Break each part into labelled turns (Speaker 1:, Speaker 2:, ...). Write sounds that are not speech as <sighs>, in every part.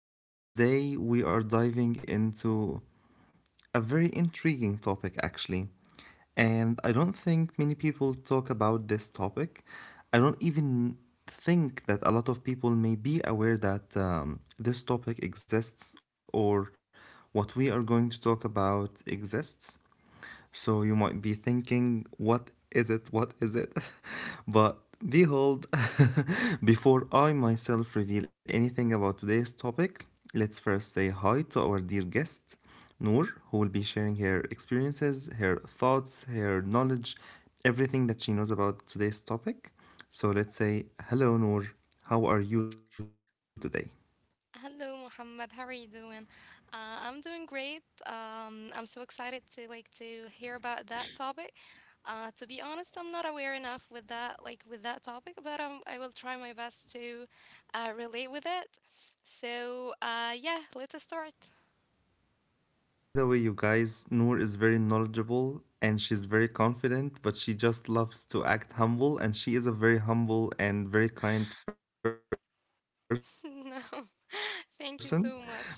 Speaker 1: and today we are diving into a very intriguing topic, actually. And I don't think many people talk about this topic. I don't even think that a lot of people may be aware that this topic exists, or what we are going to talk about exists. So you might be thinking, what is it? What is it? <laughs> But behold, <laughs> before I myself reveal anything about today's topic, let's first say hi to our dear guest, Noor, who will be sharing her experiences, her thoughts, her knowledge, everything that she knows about today's topic. So let's say, hello, Noor. How are you today?
Speaker 2: Hello, Mohammed. How are you doing? I'm doing great. I'm so excited to like to hear about that topic. To be honest, I'm not aware enough with that with that topic, but I will try my best to relate with it. So yeah, let us start.
Speaker 1: By the way, you guys, Noor is very knowledgeable and she's very confident, but she just loves to act humble. And she is a very humble and very kind person. But you will be impressed
Speaker 2: <laughs>
Speaker 1: by
Speaker 2: No,
Speaker 1: her knowledge. Believe
Speaker 2: <laughs>
Speaker 1: me.
Speaker 2: thank you so
Speaker 1: <laughs>
Speaker 2: much.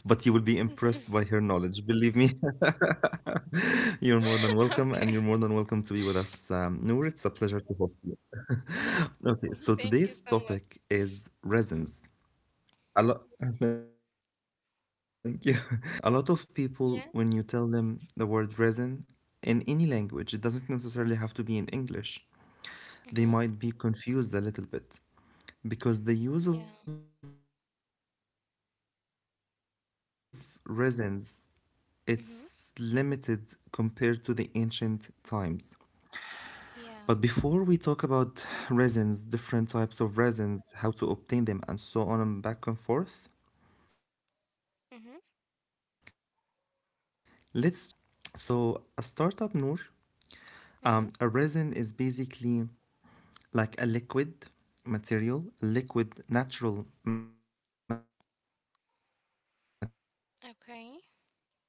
Speaker 1: You're
Speaker 2: <laughs>
Speaker 1: more than welcome, and you're more than welcome to be with us. Noor, it's a pleasure to
Speaker 2: Okay,
Speaker 1: host you. Okay, so today's topic is resins.
Speaker 2: <laughs> thank you so much.
Speaker 1: A lot, <laughs> thank you.
Speaker 2: Mhm.
Speaker 1: So, resins, you guys, a lot of people,
Speaker 2: Yeah.
Speaker 1: when you tell them the word resin in any language, it doesn't necessarily have to be in English, they
Speaker 2: Mhm.
Speaker 1: might be confused a little bit because the use of
Speaker 2: Yeah.
Speaker 1: resins, it's limited compared to the ancient
Speaker 2: Mhm.
Speaker 1: times. But before we talk about resins, different types of
Speaker 2: Yeah.
Speaker 1: resins, how to obtain them, and so on and back and forth, let's just understand what a
Speaker 2: Mhm.
Speaker 1: resin is. So, a startup, Noor, um, a resin is
Speaker 2: Mhm.
Speaker 1: basically like a liquid material, liquid natural material that comes from specific species of
Speaker 2: Okay.
Speaker 1: trees in nature.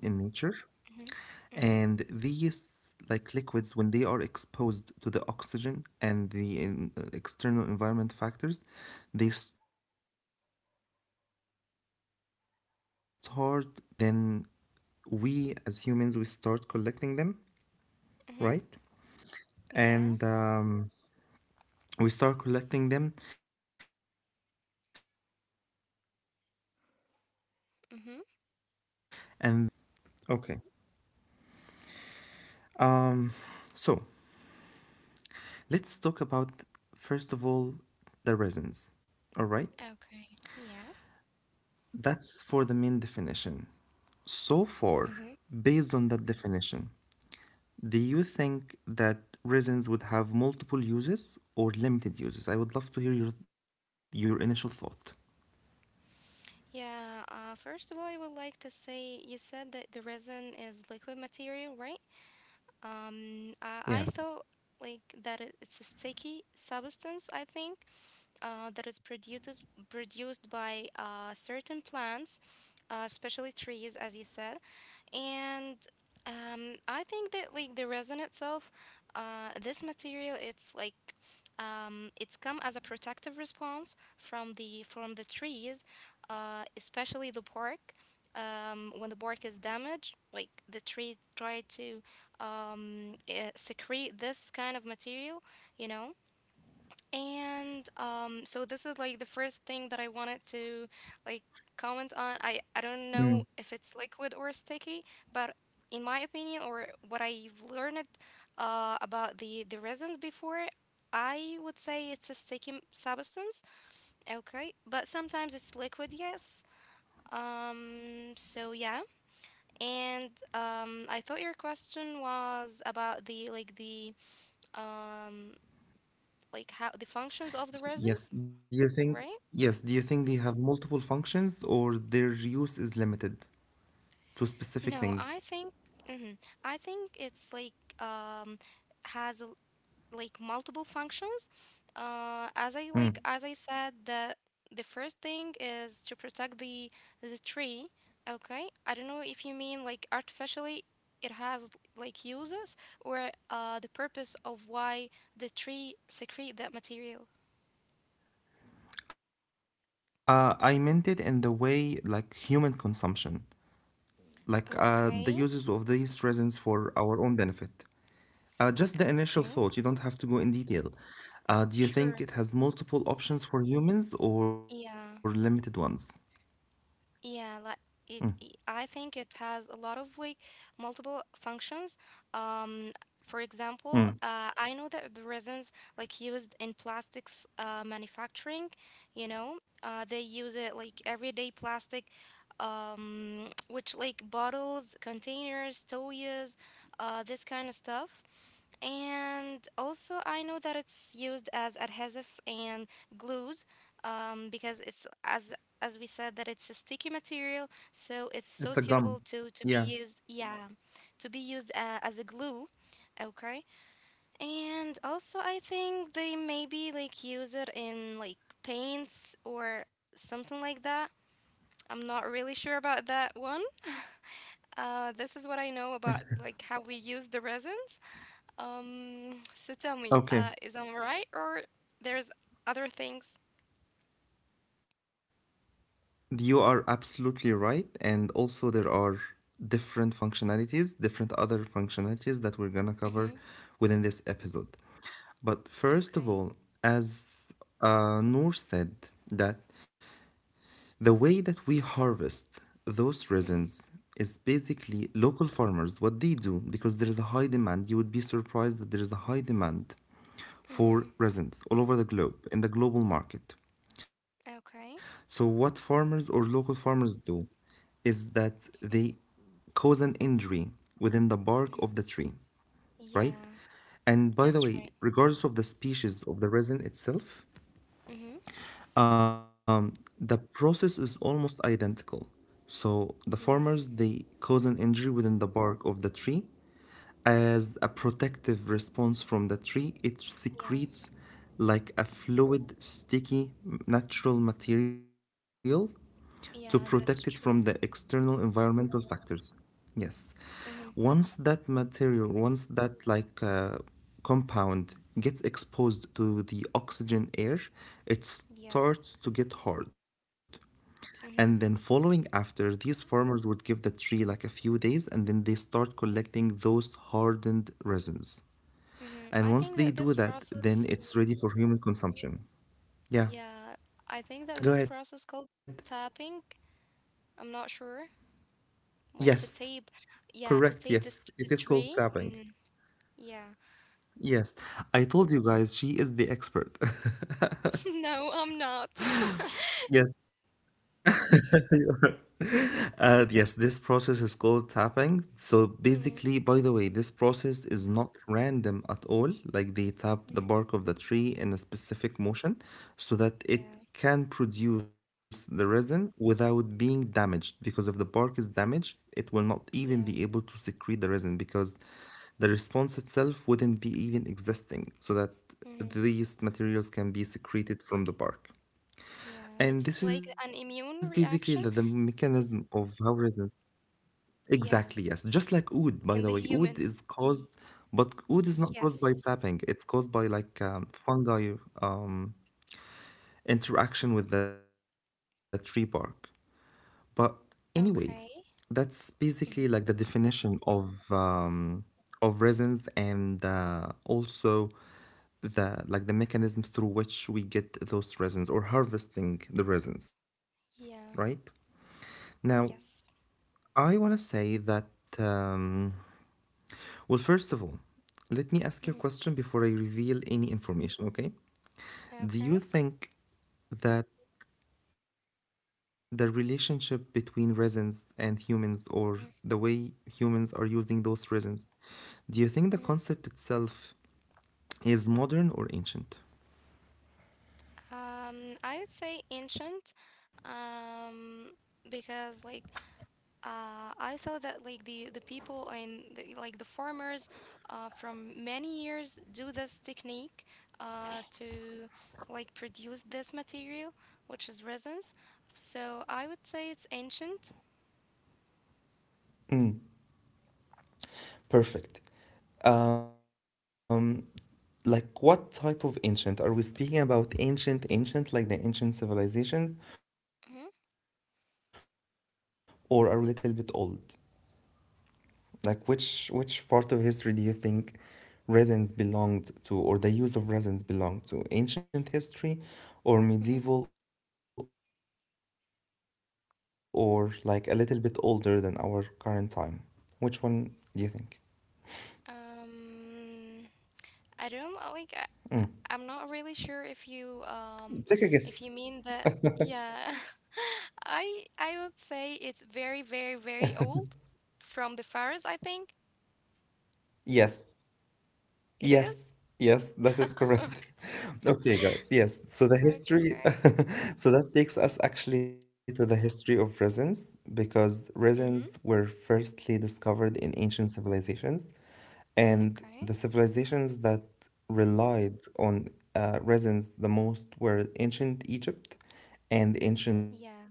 Speaker 1: And
Speaker 2: Mhm.
Speaker 1: these
Speaker 2: Mhm.
Speaker 1: like liquids, when they are exposed to the oxygen and the in, external environment factors, they start to get hard. And once they start to get hard, then we as humans we start collecting them,
Speaker 2: Mhm.
Speaker 1: right?
Speaker 2: Yeah.
Speaker 1: And we start collecting them and then we use them for different purposes, right?
Speaker 2: Mhm.
Speaker 1: Okay. Um, so let's talk about, first of all, the resins, all right?
Speaker 2: Okay. Yeah.
Speaker 1: That's for the main definition. So far,
Speaker 2: Mhm.
Speaker 1: based on that definition, do you think that resins would have multiple uses or limited uses? I would love to hear your initial thought.
Speaker 2: Yeah. First of all, I would like to say you said that the resin is liquid material, right? Um, uh,
Speaker 1: Yeah.
Speaker 2: I thought like that it's a sticky substance. I think that is produced by certain plants, especially trees, as you said. And I think that like the resin itself, this material, it's like it's come as a protective response from the trees, especially the bark. When the bark is damaged, like the tree try to secrete this kind of material, you know, and so this is like the first thing that I wanted to like comment on. I don't know if it's liquid or sticky, but in my opinion, or what I've learned about the resins before, I would say it's a sticky substance. Okay, but sometimes it's liquid, yes. So yeah, and I thought your question was about the like the um like how the functions of the resins,
Speaker 1: Yes.
Speaker 2: right?
Speaker 1: Yes, do you think they have multiple functions or their use is limited to
Speaker 2: No,
Speaker 1: specific things?
Speaker 2: mhm, I think it's like um has a, like multiple functions. As I
Speaker 1: Mm.
Speaker 2: said the first thing is to protect the tree. Okay, I don't know if you mean like artificially it has like uses or the purpose of why the tree secrete that material.
Speaker 1: I meant it in the way like human consumption, like the
Speaker 2: Okay,
Speaker 1: uses of these resins for our own benefit. Just the initial
Speaker 2: okay,
Speaker 1: thought, you don't have to go in detail. Do you think
Speaker 2: sure,
Speaker 1: it has multiple options for humans or limited
Speaker 2: yeah.
Speaker 1: ones?
Speaker 2: Yeah, like I think it has a lot of like multiple functions. Um, for example, I know that the resins like used in plastics manufacturing, they use it like everyday plastic, <tsk> which like bottles, containers, toys, this kind of stuff. And also, I know that it's used as adhesive and glues because it's as we said that it's a sticky material, so it's so
Speaker 1: It's a
Speaker 2: suitable
Speaker 1: gum.
Speaker 2: to be
Speaker 1: Yeah.
Speaker 2: used. Yeah, to be used as a glue. Okay, and also I think they maybe like use it in like paints or something like that. I'm not really sure about that one. <laughs> This is what I know about like how we use the resins. So tell me, is
Speaker 1: Okay.
Speaker 2: I'm right or there's other things?
Speaker 1: You are absolutely right. And also, there are different functionalities, different other functionalities that we're going to cover
Speaker 2: Mm-hmm.
Speaker 1: within this episode. But first of
Speaker 2: Okay.
Speaker 1: all, as Noor said, that the way that we harvest those resins is basically local farmers, what they do, because there is a high demand. You would be surprised that there is a high demand
Speaker 2: Mm-hmm.
Speaker 1: for resins all over the globe in the global market. So,
Speaker 2: Okay.
Speaker 1: what farmers or local farmers do is that they
Speaker 2: Mm-hmm.
Speaker 1: cause an injury within the bark
Speaker 2: Hmm.
Speaker 1: of the tree, right?
Speaker 2: Yeah,
Speaker 1: And by
Speaker 2: that's
Speaker 1: the
Speaker 2: right.
Speaker 1: way, regardless of the species of the resin itself,
Speaker 2: Mm-hmm.
Speaker 1: um, the process is almost identical. So, the
Speaker 2: Yeah,
Speaker 1: farmers they cause an injury within the bark of the tree, as a protective response from the tree, it
Speaker 2: yeah,
Speaker 1: secretes like a fluid, sticky, natural material to
Speaker 2: yeah,
Speaker 1: protect
Speaker 2: that's
Speaker 1: it from the
Speaker 2: true.
Speaker 1: external environmental factors. Yes.
Speaker 2: Mm-hmm.
Speaker 1: Once that material, once that like compound gets exposed to the oxygen air, it
Speaker 2: Yes.
Speaker 1: starts to get hard.
Speaker 2: Mm-hmm.
Speaker 1: And then following after, these farmers would give the tree like a few days and then they start
Speaker 2: Yeah.
Speaker 1: collecting those hardened resins.
Speaker 2: Mm-hmm.
Speaker 1: And
Speaker 2: I
Speaker 1: once
Speaker 2: think
Speaker 1: they
Speaker 2: that
Speaker 1: do
Speaker 2: this
Speaker 1: that, then
Speaker 2: process,
Speaker 1: it's ready for human consumption. Yeah,
Speaker 2: yeah, I think that
Speaker 1: go
Speaker 2: this
Speaker 1: ahead.
Speaker 2: process called tapping, I'm not sure,
Speaker 1: Yes,
Speaker 2: like to tape, yeah,
Speaker 1: correct.
Speaker 2: to tape
Speaker 1: Yes,
Speaker 2: this
Speaker 1: it is
Speaker 2: the
Speaker 1: called
Speaker 2: tree.
Speaker 1: tapping.
Speaker 2: Mm-hmm. Yeah.
Speaker 1: Yes, I told you guys she is the expert.
Speaker 2: <laughs> No, I'm not. <laughs>
Speaker 1: <laughs> Yes, <laughs> you are. Yes, this process is called tapping. So
Speaker 2: Mm-hmm.
Speaker 1: basically, by the way, this process is not random at all. Like they tap the
Speaker 2: Mm-hmm.
Speaker 1: bark of the tree in a specific motion so that
Speaker 2: Yeah,
Speaker 1: it can produce the resin without being damaged. Because if the bark is damaged, it will not even be
Speaker 2: yeah.
Speaker 1: able to secrete the resin because the response itself wouldn't be even existing so that
Speaker 2: Mm-hmm.
Speaker 1: these materials can be secreted from the bark.
Speaker 2: Yeah,
Speaker 1: And
Speaker 2: it's like
Speaker 1: this
Speaker 2: an
Speaker 1: is
Speaker 2: immune
Speaker 1: basically
Speaker 2: reaction.
Speaker 1: the mechanism of how resins.
Speaker 2: Yeah,
Speaker 1: Exactly, yes. Just like
Speaker 2: and the
Speaker 1: oud, by the way.
Speaker 2: human.
Speaker 1: Oud is
Speaker 2: Y-
Speaker 1: caused, but oud is
Speaker 2: yes.
Speaker 1: not caused by tapping. It's caused by like fungi, um, interaction with the tree bark. But
Speaker 2: Okay.
Speaker 1: anyway, that's
Speaker 2: Hmm.
Speaker 1: basically like the definition of resins, and also the like the mechanism through which we get those resins or harvesting the resins,
Speaker 2: Yeah.
Speaker 1: right? Now,
Speaker 2: Yes.
Speaker 1: I want to say that. Um, Well, first of all, let me
Speaker 2: Hmm.
Speaker 1: ask you a question before I reveal any information, okay?
Speaker 2: Okay.
Speaker 1: Do you think that the relationship between resins and humans, or the way humans are using those resins, do you think the concept
Speaker 2: Mm-hmm.
Speaker 1: itself is modern or ancient?
Speaker 2: I would say ancient, um, because like I saw that like the people and the, like the farmers, from many years do this technique, to like produce this material, which is resins. So I would say it's ancient.
Speaker 1: Perfect. Um, like what type of ancient? Are we speaking about ancient, ancient, like the ancient civilizations? Or are we speaking about medieval
Speaker 2: Hmm.
Speaker 1: times? Or are we speaking about like a little bit old? Like which part of history do you think resins belonged to, or the use of resins belonged to? Ancient history or
Speaker 2: Hmm.
Speaker 1: medieval or like a little bit older than our current time? Which one do you think?
Speaker 2: Um, I don't know, like am not
Speaker 1: Take
Speaker 2: really
Speaker 1: a guess.
Speaker 2: sure if you mean that, yeah. <laughs> I would say it's very, very, very old from the Faroes, I think
Speaker 1: Yes. Yes,
Speaker 2: it
Speaker 1: yes,
Speaker 2: is.
Speaker 1: that is correct.
Speaker 2: <laughs>
Speaker 1: <laughs>
Speaker 2: Okay.
Speaker 1: Okay, guys, yes. So the history,
Speaker 2: Okay.
Speaker 1: <laughs> so that takes us actually to the history of resins because resins were
Speaker 2: Mhm.
Speaker 1: firstly discovered in ancient civilizations, and the
Speaker 2: Okay.
Speaker 1: civilizations that relied on resins the most were ancient Egypt and ancient Rome.
Speaker 2: Yeah.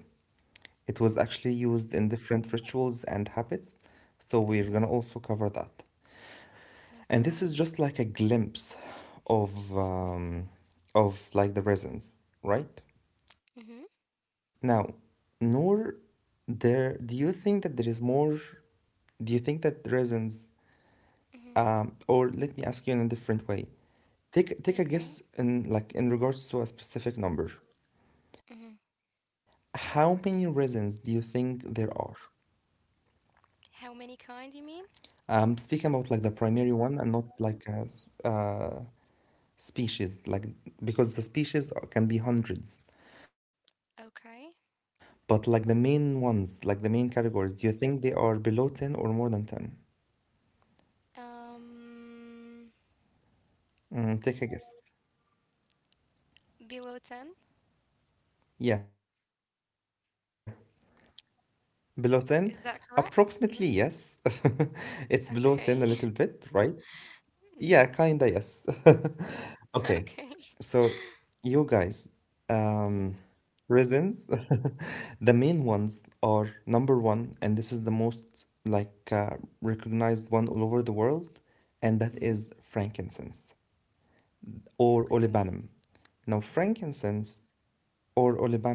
Speaker 1: It was actually used in different rituals and habits, so we're gonna also
Speaker 2: Mhm.
Speaker 1: cover that. And this is
Speaker 2: Okay.
Speaker 1: just like a glimpse of um, of like the resins, right?
Speaker 2: Mhm.
Speaker 1: Now, nor there do you think that there is more do you think that resins
Speaker 2: Mhm.
Speaker 1: or let me ask you in a different way.
Speaker 2: Okay.
Speaker 1: Take a guess in like in regards to a specific number.
Speaker 2: Mhm.
Speaker 1: How many resins do you think there are?
Speaker 2: How many kind you mean?
Speaker 1: I'm speaking about like the primary one and not like a species like because the species are- can be hundreds,
Speaker 2: Okay.
Speaker 1: but like the main ones like the main categories, do you think they are below 10 or more than 10?
Speaker 2: Um
Speaker 1: Take a guess.
Speaker 2: Below 10,
Speaker 1: Yeah, below 10 approximately.
Speaker 2: is that
Speaker 1: Yes.
Speaker 2: correct? Mhm.
Speaker 1: <laughs> It's below 10 a little bit, right?
Speaker 2: Okay. <laughs>
Speaker 1: Yeah, kinda, yes.
Speaker 2: Mhm.
Speaker 1: <laughs> Okay, so
Speaker 2: Okay.
Speaker 1: you guys,
Speaker 2: <laughs>
Speaker 1: um,
Speaker 2: Mhm.
Speaker 1: resins, <laughs> the main ones are number one, and this is the most like recognized one all over the world, and that is
Speaker 2: Mhm.
Speaker 1: frankincense or olibanum.
Speaker 2: Okay.
Speaker 1: Now, frankincense or olibanum,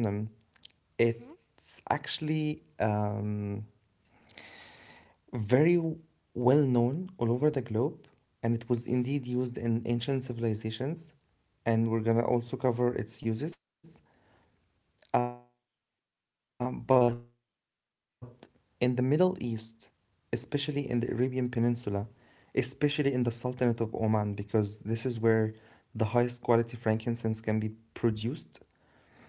Speaker 2: Mhm.
Speaker 1: it's actually very well known all over the globe, and it was
Speaker 2: Mhm.
Speaker 1: indeed used in ancient civilizations. And we're gonna also cover its uses. But in the Middle East, especially in the Arabian Peninsula, especially in the
Speaker 2: Mhm.
Speaker 1: Sultanate of Oman, because this is where the highest quality frankincense can be produced, it's called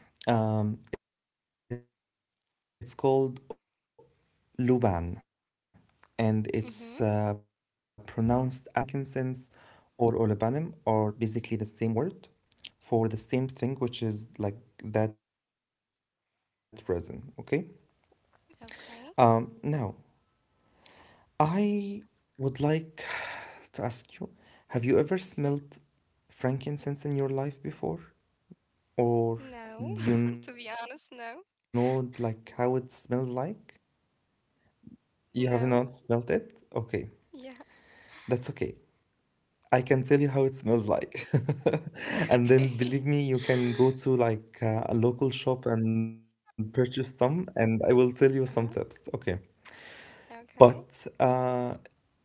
Speaker 1: Luban, and it's pronounced as Luban.
Speaker 2: Mhm.
Speaker 1: So, Luban, frankincense, or olibanum are basically the same word for the same thing, which is like that resin. Okay.
Speaker 2: Okay.
Speaker 1: Now, I would like to ask you, have you ever smelled
Speaker 2: Mhm.
Speaker 1: frankincense in your life before? Or
Speaker 2: No.
Speaker 1: do
Speaker 2: <laughs>
Speaker 1: you
Speaker 2: To be
Speaker 1: know
Speaker 2: honest,
Speaker 1: like
Speaker 2: no.
Speaker 1: how it smells like? You have not smelled
Speaker 2: No.
Speaker 1: it? Okay,
Speaker 2: Yeah. <laughs>
Speaker 1: that's okay. I can tell you how it smells like. <laughs> And then
Speaker 2: Okay. <laughs>
Speaker 1: believe me, you can go to like a local shop and purchase some, and I will tell you
Speaker 2: Uh-huh.
Speaker 1: some tips. Okay.
Speaker 2: Okay.
Speaker 1: But uh,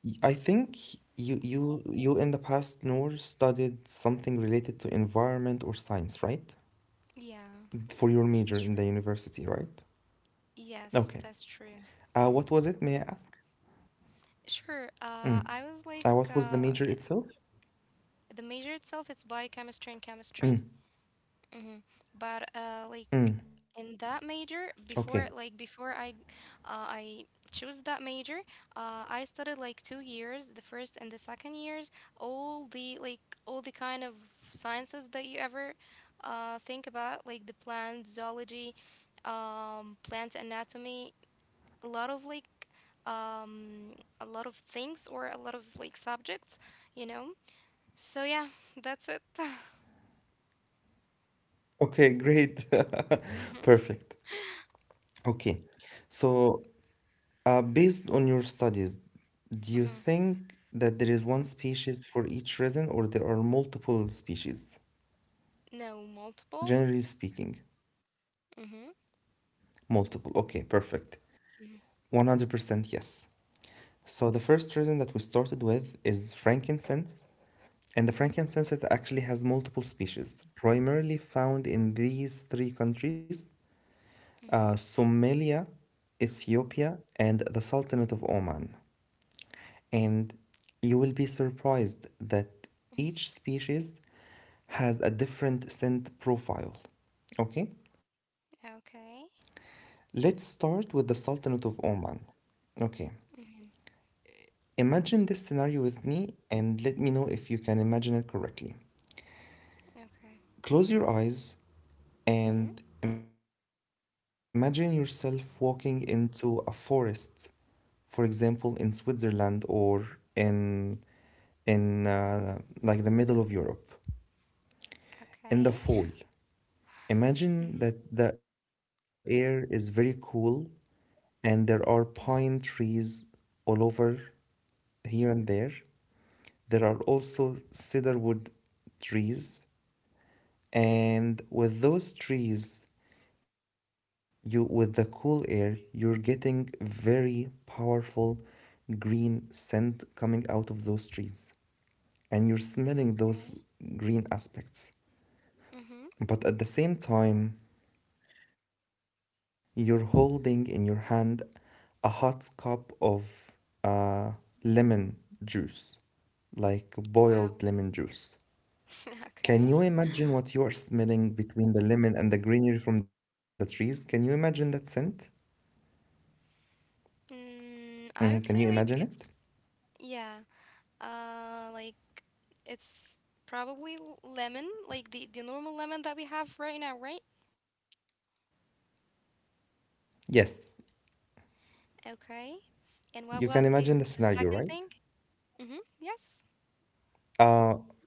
Speaker 1: y- I think you in the past, Noor, studied something related to environment or science, right?
Speaker 2: Yeah,
Speaker 1: For your
Speaker 2: that's
Speaker 1: major in
Speaker 2: true.
Speaker 1: the university, right?
Speaker 2: Yes, that's
Speaker 1: Okay.
Speaker 2: true. Mhm.
Speaker 1: What was it, may I ask?
Speaker 2: Sure. I was like,
Speaker 1: What was the major itself?
Speaker 2: the major itself, it's biochemistry and chemistry. Mm-hmm. But like in that major,
Speaker 1: Okay.
Speaker 2: before I chose that major, I studied like 2 years, the first and the second years, all the kind of sciences that you ever think about, like the plant zoology, plant anatomy, a lot of like um, a lot of things or a lot of like subjects, you know. So yeah, <laughs> that's it. <laughs>
Speaker 1: Okay, great. <laughs>
Speaker 2: Hmm.
Speaker 1: Perfect. Okay. So, based on your studies, do you
Speaker 2: Hmm.
Speaker 1: think that there is one species for each resin or there are multiple species?
Speaker 2: No, multiple.
Speaker 1: Generally speaking,
Speaker 2: Mhm.
Speaker 1: multiple. Okay, perfect.
Speaker 2: Mhm.
Speaker 1: 100% yes. So, the first
Speaker 2: Mhm.
Speaker 1: resin that we started with is frankincense, and the frankincense, it actually has multiple species, primarily found in these 3 countries:
Speaker 2: Mhm.
Speaker 1: Somalia, Ethiopia, and the Sultanate of Oman. And you will be surprised that
Speaker 2: Mhm.
Speaker 1: each species has a different scent profile. Okay? Let's
Speaker 2: Okay.
Speaker 1: start with the Sultanate of Oman. Okay.
Speaker 2: Mhm.
Speaker 1: Imagine this scenario with me and let me know if you can imagine it correctly.
Speaker 2: Okay.
Speaker 1: Close your eyes, and
Speaker 2: Mhm.
Speaker 1: imagine yourself walking into a forest, for example, in Switzerland or in like the middle of Europe in the fall.
Speaker 2: Okay.
Speaker 1: Imagine
Speaker 2: <sighs>
Speaker 1: that the
Speaker 2: Mhm.
Speaker 1: air is very cool and there are pine
Speaker 2: Mhm.
Speaker 1: trees all over, here and there. There are also
Speaker 2: Okay.
Speaker 1: cedarwood trees,
Speaker 2: Mhm.
Speaker 1: and with those trees, you with the cool air you're getting very powerful green scent coming out of those trees, and you're smelling those
Speaker 2: Okay.
Speaker 1: green aspects.
Speaker 2: Mhm.
Speaker 1: But at the same time, you're holding in your hand a hot cup of uh, lemon juice, like boiled
Speaker 2: Wow.
Speaker 1: lemon juice.
Speaker 2: <laughs>
Speaker 1: Can you
Speaker 2: Okay.
Speaker 1: imagine what you are smelling between the lemon and the greenery from the trees? Can you imagine that scent?
Speaker 2: Mm, I would
Speaker 1: Mm, can
Speaker 2: say
Speaker 1: you
Speaker 2: like
Speaker 1: imagine
Speaker 2: it's
Speaker 1: it?
Speaker 2: yeah. Like it's probably lemon, like the normal lemon that we have right now, right?
Speaker 1: Yes,
Speaker 2: Okay. And what
Speaker 1: you
Speaker 2: was
Speaker 1: can
Speaker 2: the
Speaker 1: imagine
Speaker 2: the
Speaker 1: the
Speaker 2: second
Speaker 1: scenario,
Speaker 2: thing?
Speaker 1: right?
Speaker 2: Mhm. Yes.
Speaker 1: Uh,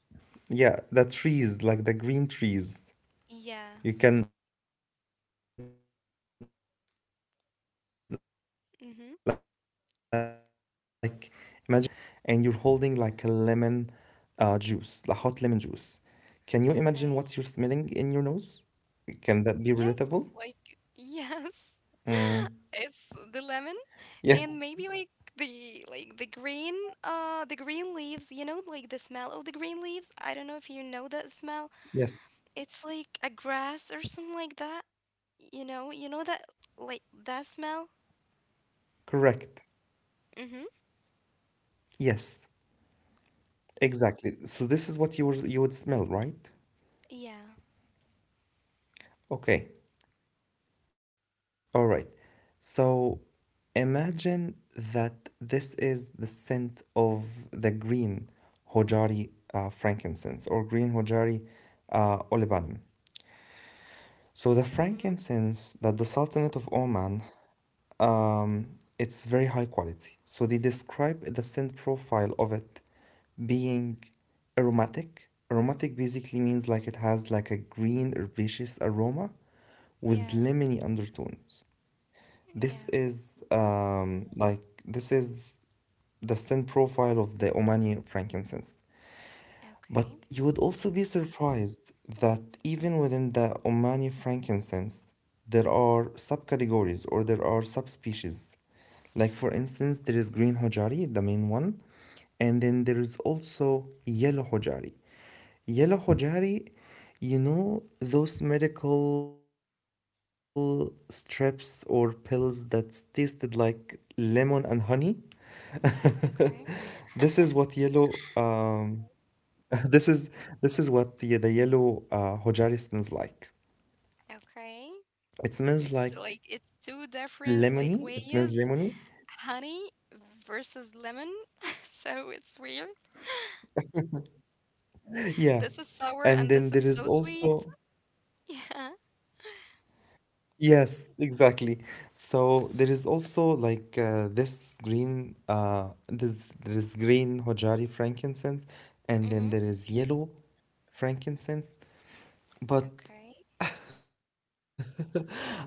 Speaker 1: yeah, the trees, like the green trees.
Speaker 2: Yeah.
Speaker 1: You can like imagine yourself walking into a forest and the green trees, you're smelling the green
Speaker 2: Mhm.
Speaker 1: trees and you're holding like a lemon juice, the hot lemon juice. Can you imagine what you're smelling in your
Speaker 2: Okay.
Speaker 1: nose? Can that be relatable?
Speaker 2: Yes, like yes.
Speaker 1: Mm.
Speaker 2: <laughs> It's the lemon
Speaker 1: Yeah,
Speaker 2: and maybe like the green the green leaves, you know, like the smell of the green leaves. I don't know if you know that smell.
Speaker 1: yes,
Speaker 2: It's like a grass or something like that. You know that like that
Speaker 1: correct.
Speaker 2: smell? Mm-hmm.
Speaker 1: Yes, exactly. So this is what you would smell, right?
Speaker 2: Yeah.
Speaker 1: Okay. All right. So imagine that this is the scent of the green Hojari frankincense, or green Hojari olibanum. So the frankincense
Speaker 2: Mm-hmm.
Speaker 1: that the Sultanate of Oman, um, it's very high quality. So they describe the scent profile of it being aromatic. Aromatic basically means like it has like a green herbaceous aroma with
Speaker 2: Yeah.
Speaker 1: lemony undertones.
Speaker 2: Yeah.
Speaker 1: This is the scent profile of the Omani frankincense. But
Speaker 2: Okay.
Speaker 1: you would also be surprised that even
Speaker 2: Mm-hmm.
Speaker 1: within the Omani frankincense, there are subcategories, or there are subspecies. Like, for instance, there is green hojari, the main one, and then there is also yellow hojari. Yellow hojari, you know those medical strips or pills that tasted like lemon and honey? <laughs> This is
Speaker 2: Okay.
Speaker 1: what yellow <laughs> This is this is what the yellow hojari smells like. It smells
Speaker 2: Okay.
Speaker 1: like
Speaker 2: It's two
Speaker 1: lemony. It
Speaker 2: different
Speaker 1: smells
Speaker 2: like
Speaker 1: lemony.
Speaker 2: ways. Honey versus lemon. <laughs> So it's weird.
Speaker 1: Yeah.
Speaker 2: This is sour
Speaker 1: And
Speaker 2: and
Speaker 1: then
Speaker 2: this is
Speaker 1: there is
Speaker 2: so sweet.
Speaker 1: also
Speaker 2: <laughs> Yeah.
Speaker 1: yes, exactly. So there is also like this green hojari frankincense,
Speaker 2: Mm-hmm.
Speaker 1: and then there is yellow frankincense.
Speaker 2: Okay.
Speaker 1: But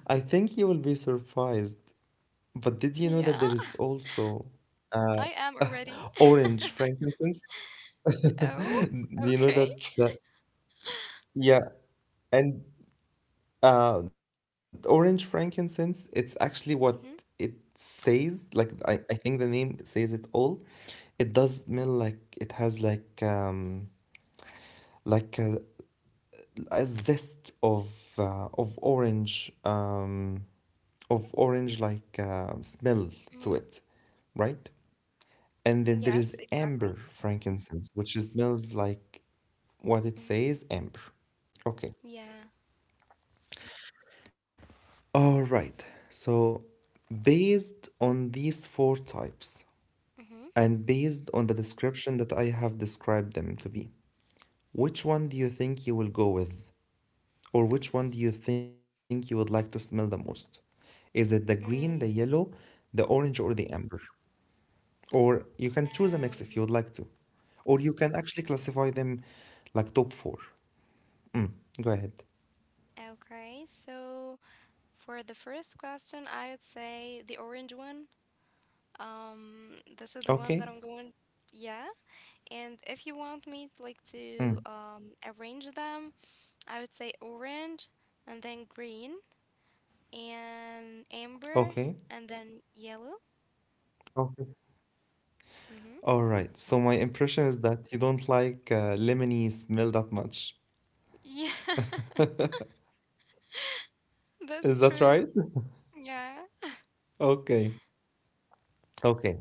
Speaker 1: I think you will be surprised. But did you know
Speaker 2: Yeah.
Speaker 1: that there is also
Speaker 2: <laughs> I
Speaker 1: uh,
Speaker 2: am already. <laughs>
Speaker 1: orange frankincense?
Speaker 2: Oh,
Speaker 1: <laughs> Do you know
Speaker 2: okay.
Speaker 1: that, that yeah, and orange frankincense, it's actually what
Speaker 2: Mm-hmm.
Speaker 1: it says. Like I think the name says it all. It does smell like it has like a, a zest of orange, of orange like smell
Speaker 2: Hmm.
Speaker 1: to it, right? And then there
Speaker 2: Yes,
Speaker 1: is
Speaker 2: exactly.
Speaker 1: amber frankincense, which smells like what it
Speaker 2: Mhm.
Speaker 1: says, amber. Okay.
Speaker 2: Yeah.
Speaker 1: All right. So, based on these four types,
Speaker 2: Mm-hmm.
Speaker 1: and based on the description that I have described them to be, which one do you think you will go with? Or which one do you think you would like to smell the most? Is it the green, the yellow, the orange, or the amber? Or you can choose a mix if you would
Speaker 2: Um,
Speaker 1: like to. Or you can actually classify them like top four. Mm, go ahead.
Speaker 2: okay. So for the first question, I would say the orange one. This is the one
Speaker 1: Okay.
Speaker 2: that I'm going. Yeah. And if you want me like to
Speaker 1: Mm,
Speaker 2: arrange them, I would say orange and then green and amber
Speaker 1: okay.
Speaker 2: and then yellow.
Speaker 1: Okay.
Speaker 2: Mm-hmm.
Speaker 1: All right. So my impression is that you don't like lemony smell that much.
Speaker 2: Yeah, <laughs>
Speaker 1: Is
Speaker 2: that's
Speaker 1: that
Speaker 2: true.
Speaker 1: right? <laughs>
Speaker 2: Yeah.
Speaker 1: Okay. Okay.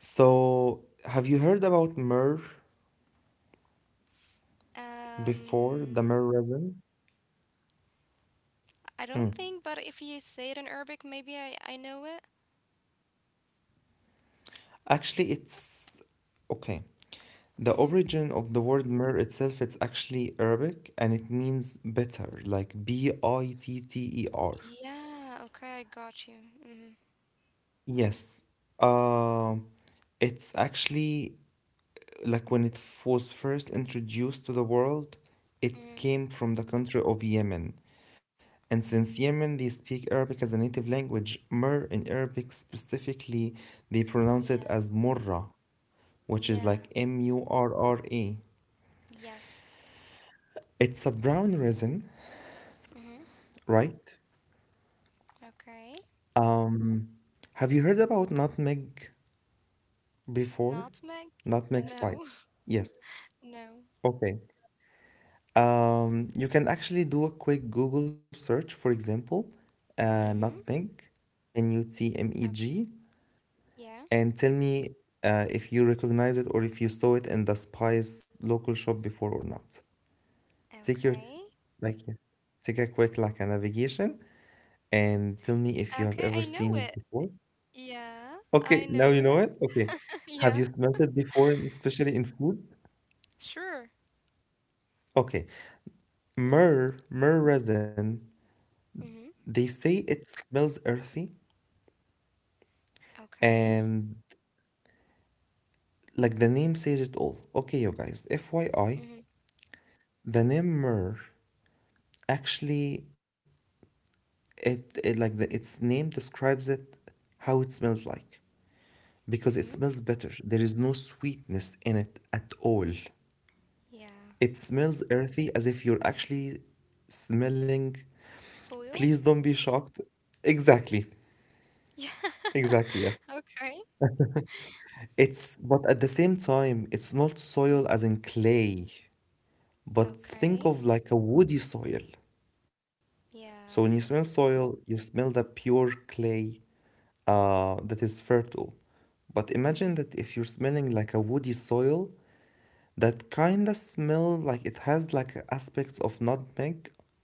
Speaker 1: So have you heard about myrrh before,
Speaker 2: Um,
Speaker 1: the myrrh resin?
Speaker 2: I don't think, but if you say it in Arabic, maybe I know it.
Speaker 1: Actually, it's okay. The
Speaker 2: Mm-hmm.
Speaker 1: origin of the word myrrh itself, it's actually Arabic, and it means bitter, like bitter.
Speaker 2: Yeah, okay, I got you. Mm-hmm.
Speaker 1: Yes. Um, it's actually like when it was first introduced to the world, it
Speaker 2: Mm-hmm.
Speaker 1: came from the country of Yemen. And since Yemen, they speak Arabic as a native language, myrrh in Arabic specifically, they pronounce it
Speaker 2: Yeah.
Speaker 1: as murra, which is
Speaker 2: Yeah.
Speaker 1: like MURRA.
Speaker 2: Yes.
Speaker 1: It's a brown resin,
Speaker 2: Mm-hmm.
Speaker 1: right?
Speaker 2: Okay.
Speaker 1: Um, have you heard about nutmeg before?
Speaker 2: Nutmeg?
Speaker 1: Nutmeg
Speaker 2: No.
Speaker 1: spice.
Speaker 2: <laughs>
Speaker 1: Yes.
Speaker 2: No.
Speaker 1: Okay. You can actually do a quick Google search, for example,
Speaker 2: Mm-hmm.
Speaker 1: nutmeg,
Speaker 2: Okay.
Speaker 1: nutmeg,
Speaker 2: Yeah.
Speaker 1: and tell me if you recognize it or if you saw it in the spice local shop before or not. Take your
Speaker 2: Okay.
Speaker 1: like yeah, take a quick like a navigation and tell me if you have
Speaker 2: Okay, I
Speaker 1: ever
Speaker 2: know
Speaker 1: seen
Speaker 2: it.
Speaker 1: it before.
Speaker 2: Yeah, I
Speaker 1: Okay, now
Speaker 2: know
Speaker 1: you
Speaker 2: it.
Speaker 1: know it. Okay.
Speaker 2: <laughs>
Speaker 1: Have
Speaker 2: Yeah.
Speaker 1: you smelled it before, especially in food?
Speaker 2: Sure.
Speaker 1: Okay.
Speaker 2: Mm,
Speaker 1: Myrrh, myrrh resin,
Speaker 2: mhm.
Speaker 1: they say it smells earthy.
Speaker 2: Okay.
Speaker 1: And like the name says it all. Okay, you guys, FYI,
Speaker 2: Mhm.
Speaker 1: the name myrrh actually it like the, its name describes it, how it smells like, because
Speaker 2: Mhm.
Speaker 1: it smells better. There is no sweetness in it at all.
Speaker 2: Yeah.
Speaker 1: It smells earthy, as if you're actually smelling.
Speaker 2: Soil?
Speaker 1: Please don't be shocked. Exactly.
Speaker 2: <laughs> Yeah.
Speaker 1: Exactly, yes.
Speaker 2: Okay.
Speaker 1: It's but at the same time, it's not
Speaker 2: Mm.
Speaker 1: soil as in clay, but think
Speaker 2: Okay.
Speaker 1: of like a woody soil. So when you
Speaker 2: Yeah.
Speaker 1: smell soil, you smell the pure clay that is fertile. But
Speaker 2: Mhm.
Speaker 1: imagine that if you're smelling like a woody soil, that kinda smell like it has like aspects of nutmeg,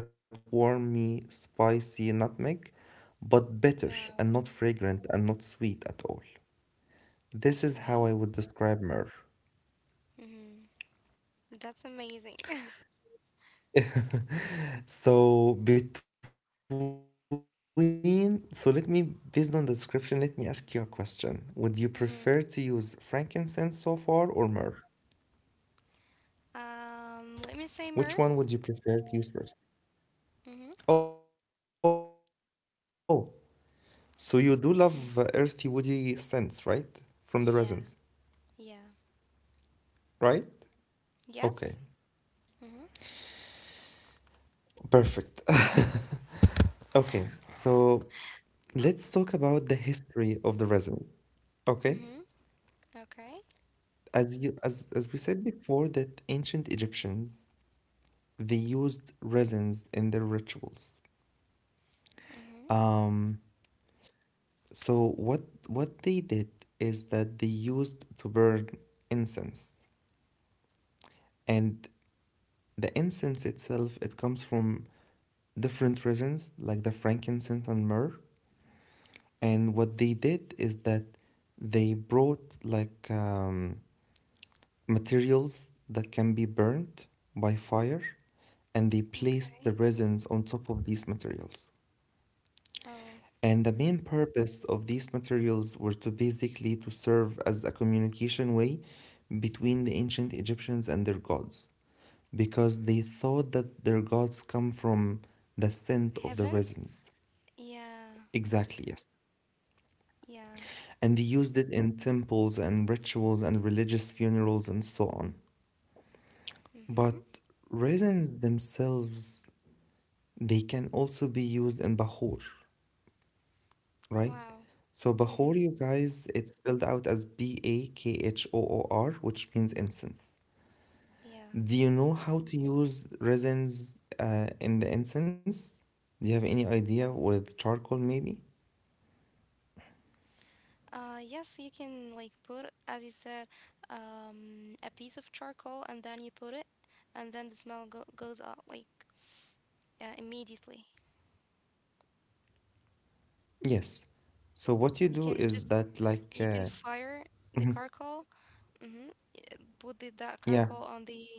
Speaker 1: like that warmy, spicy nutmeg, but bitter
Speaker 2: No.
Speaker 1: and not fragrant and not sweet at all. This is
Speaker 2: Okay.
Speaker 1: how I would describe myrrh.
Speaker 2: Mhm. That's amazing. <laughs>
Speaker 1: <laughs> So between so let me, based on the description, let me ask you a question. Would you prefer to use
Speaker 2: Mhm.
Speaker 1: frankincense so far, or myrrh? Which
Speaker 2: Um,
Speaker 1: one
Speaker 2: let
Speaker 1: would
Speaker 2: me
Speaker 1: you
Speaker 2: say
Speaker 1: prefer
Speaker 2: more.
Speaker 1: to use first? Oh,
Speaker 2: Mhm.
Speaker 1: so you do love earthy woody scents, right? From the resins,
Speaker 2: Yeah.
Speaker 1: right?
Speaker 2: Yeah.
Speaker 1: Okay.
Speaker 2: Yes. Mhm.
Speaker 1: Perfect. <laughs> Okay, so let's talk about the history of the resin. Okay?
Speaker 2: Mhm. Okay.
Speaker 1: As you as we said before that ancient Egyptians they used resins in their rituals.
Speaker 2: Mhm.
Speaker 1: Um, so what they did is that they used to burn incense, and the incense itself, it comes from different resins, like the frankincense and myrrh. And what they did is that they brought like materials that can be burnt by fire, and they placed the
Speaker 2: Okay.
Speaker 1: resins on top of these materials.
Speaker 2: Oh,
Speaker 1: And the main purpose of these materials were to basically to serve as a communication way between the ancient Egyptians and their gods, because they thought that their gods come from the scent of the
Speaker 2: heaven?
Speaker 1: resins.
Speaker 2: Yeah.
Speaker 1: Exactly, yes.
Speaker 2: Yeah.
Speaker 1: And they used it in temples and rituals and religious funerals and so on.
Speaker 2: Mhm.
Speaker 1: But resins themselves, they can also be used in bahur, right?
Speaker 2: Wow.
Speaker 1: So
Speaker 2: Mm-hmm.
Speaker 1: Bakhor, you guys, it's spelled out as BAKHOOR, which means incense.
Speaker 2: Yeah.
Speaker 1: Do you know how to use resins in the incense? Do you have any idea, with charcoal, maybe?
Speaker 2: Yes, you can like put, as you said, a piece of charcoal, and then you put it, and then the smell goes out like immediately.
Speaker 1: Yes. So what you
Speaker 2: You
Speaker 1: do
Speaker 2: can
Speaker 1: is
Speaker 2: just
Speaker 1: that, like,
Speaker 2: you can fire the
Speaker 1: mhm,
Speaker 2: charcoal. Mm-hmm. Put that
Speaker 1: yeah,
Speaker 2: charcoal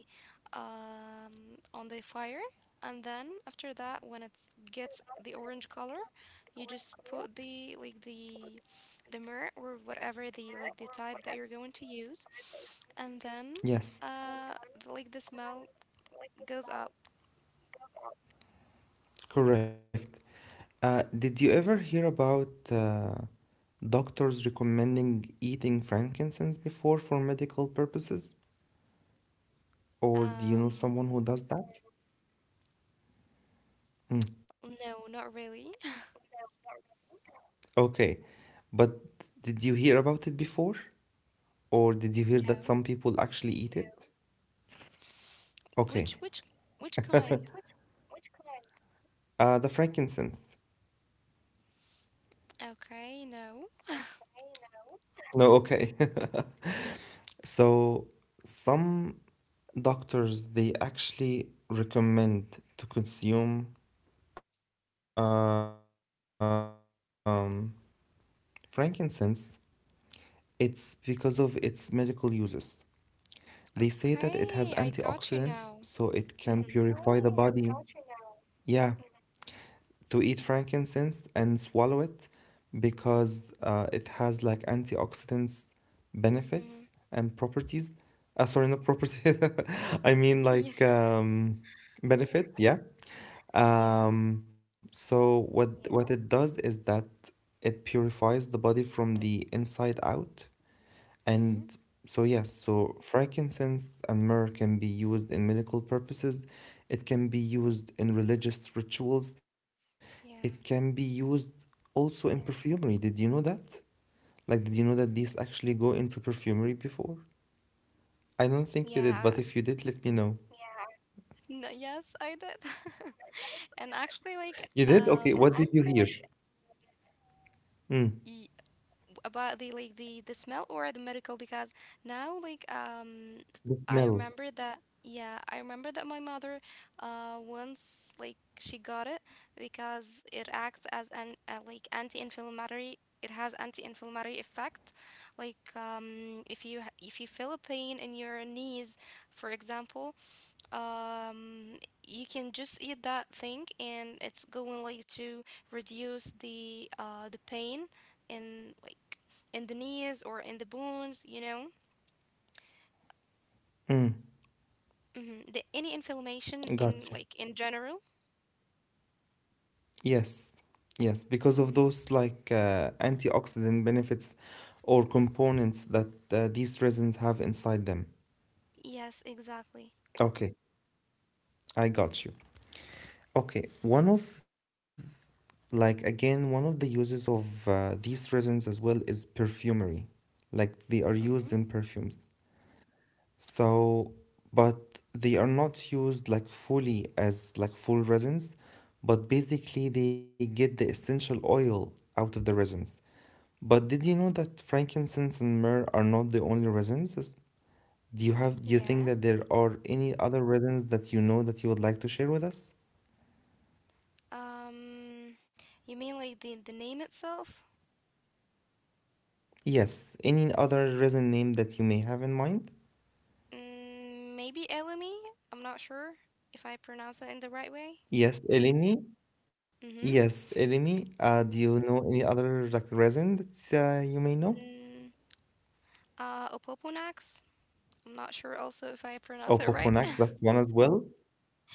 Speaker 2: on the fire, and then after that, when it gets the orange color, you just put the like the mirror or whatever the like the type that you're going to use, and then
Speaker 1: yes,
Speaker 2: uh, the, like the smell goes up.
Speaker 1: correct. Did you ever
Speaker 2: Hmm.
Speaker 1: hear about doctors recommending eating frankincense before for medical purposes? Or do you know
Speaker 2: Um,
Speaker 1: someone who does that? Hmm.
Speaker 2: no, not really. <laughs>
Speaker 1: Okay, but did you hear about it before? Or did you hear that
Speaker 2: No.
Speaker 1: some people actually eat it? Okay,
Speaker 2: Which which which kind?
Speaker 1: the frankincense.
Speaker 2: Okay, no.
Speaker 1: No, okay. <laughs> So some doctors they actually recommend to consume um, frankincense. It's because of its medical uses. They say that it has antioxidants, so
Speaker 2: Okay, I
Speaker 1: it can
Speaker 2: got you
Speaker 1: purify
Speaker 2: now.
Speaker 1: the body.
Speaker 2: Mm-hmm.
Speaker 1: Yeah. To eat frankincense and swallow it, because it has like antioxidants benefits and
Speaker 2: Mm-hmm.
Speaker 1: properties. Sorry, not properties. <laughs> I mean like benefits. Yeah.
Speaker 2: Yeah.
Speaker 1: So what it does is that it purifies the body from the inside out.
Speaker 2: Mm-hmm.
Speaker 1: And so, yes, so frankincense and myrrh can be used in medical purposes, it can be used in religious rituals, it can be
Speaker 2: Yeah.
Speaker 1: used also in perfumery. Did you know that? Like, did you know that these actually go into perfumery before? I don't think you did,
Speaker 2: Yeah.
Speaker 1: but if you did, let me know.
Speaker 2: No, yes, I did. <laughs> And actually, like,
Speaker 1: You did? Okay, what did you hear? Mm,
Speaker 2: y about the like the smell or the medical, because now, like,
Speaker 1: the
Speaker 2: I
Speaker 1: smell.
Speaker 2: remember that. Yeah, I remember that my mother, once like she got it because it acts as an like anti-inflammatory. It has anti-inflammatory effect. Like, if you if you feel a pain in your knees, for example. um you can just eat that thing and it's going like to reduce the pain in like in the knees or in the bones you know
Speaker 1: Mm,
Speaker 2: hmm The any inflammation
Speaker 1: got
Speaker 2: in
Speaker 1: you.
Speaker 2: like in general.
Speaker 1: Yes, yes, because
Speaker 2: Hmm.
Speaker 1: of those like antioxidant benefits or components that these resins have inside them.
Speaker 2: Yes, exactly.
Speaker 1: Okay, I got you. Okay, one of, like, again, one of the uses of these resins as well is perfumery. Like they are
Speaker 2: Mm-hmm.
Speaker 1: used in perfumes. So, but they are not used like fully as like full resins, but basically they get the essential oil out of the resins. But did you know that frankincense and myrrh are not the only resins? Do you have do you think
Speaker 2: Yeah.
Speaker 1: that there are any other resins that you know that you would like to share with us?
Speaker 2: um you mean like the name itself?
Speaker 1: Yes, any other resin name that you may have in mind?
Speaker 2: Mm, maybe elemi. I'm not sure if I pronounce it in the right way.
Speaker 1: Yes, elemi.
Speaker 2: Mm-hmm.
Speaker 1: Yes, elemi. Do you know any other like resin that you may know?
Speaker 2: Mm, opoponax. I'm not sure also if I
Speaker 1: Oh,
Speaker 2: pronounce it right.
Speaker 1: Poponax,
Speaker 2: <laughs>
Speaker 1: that's one as well.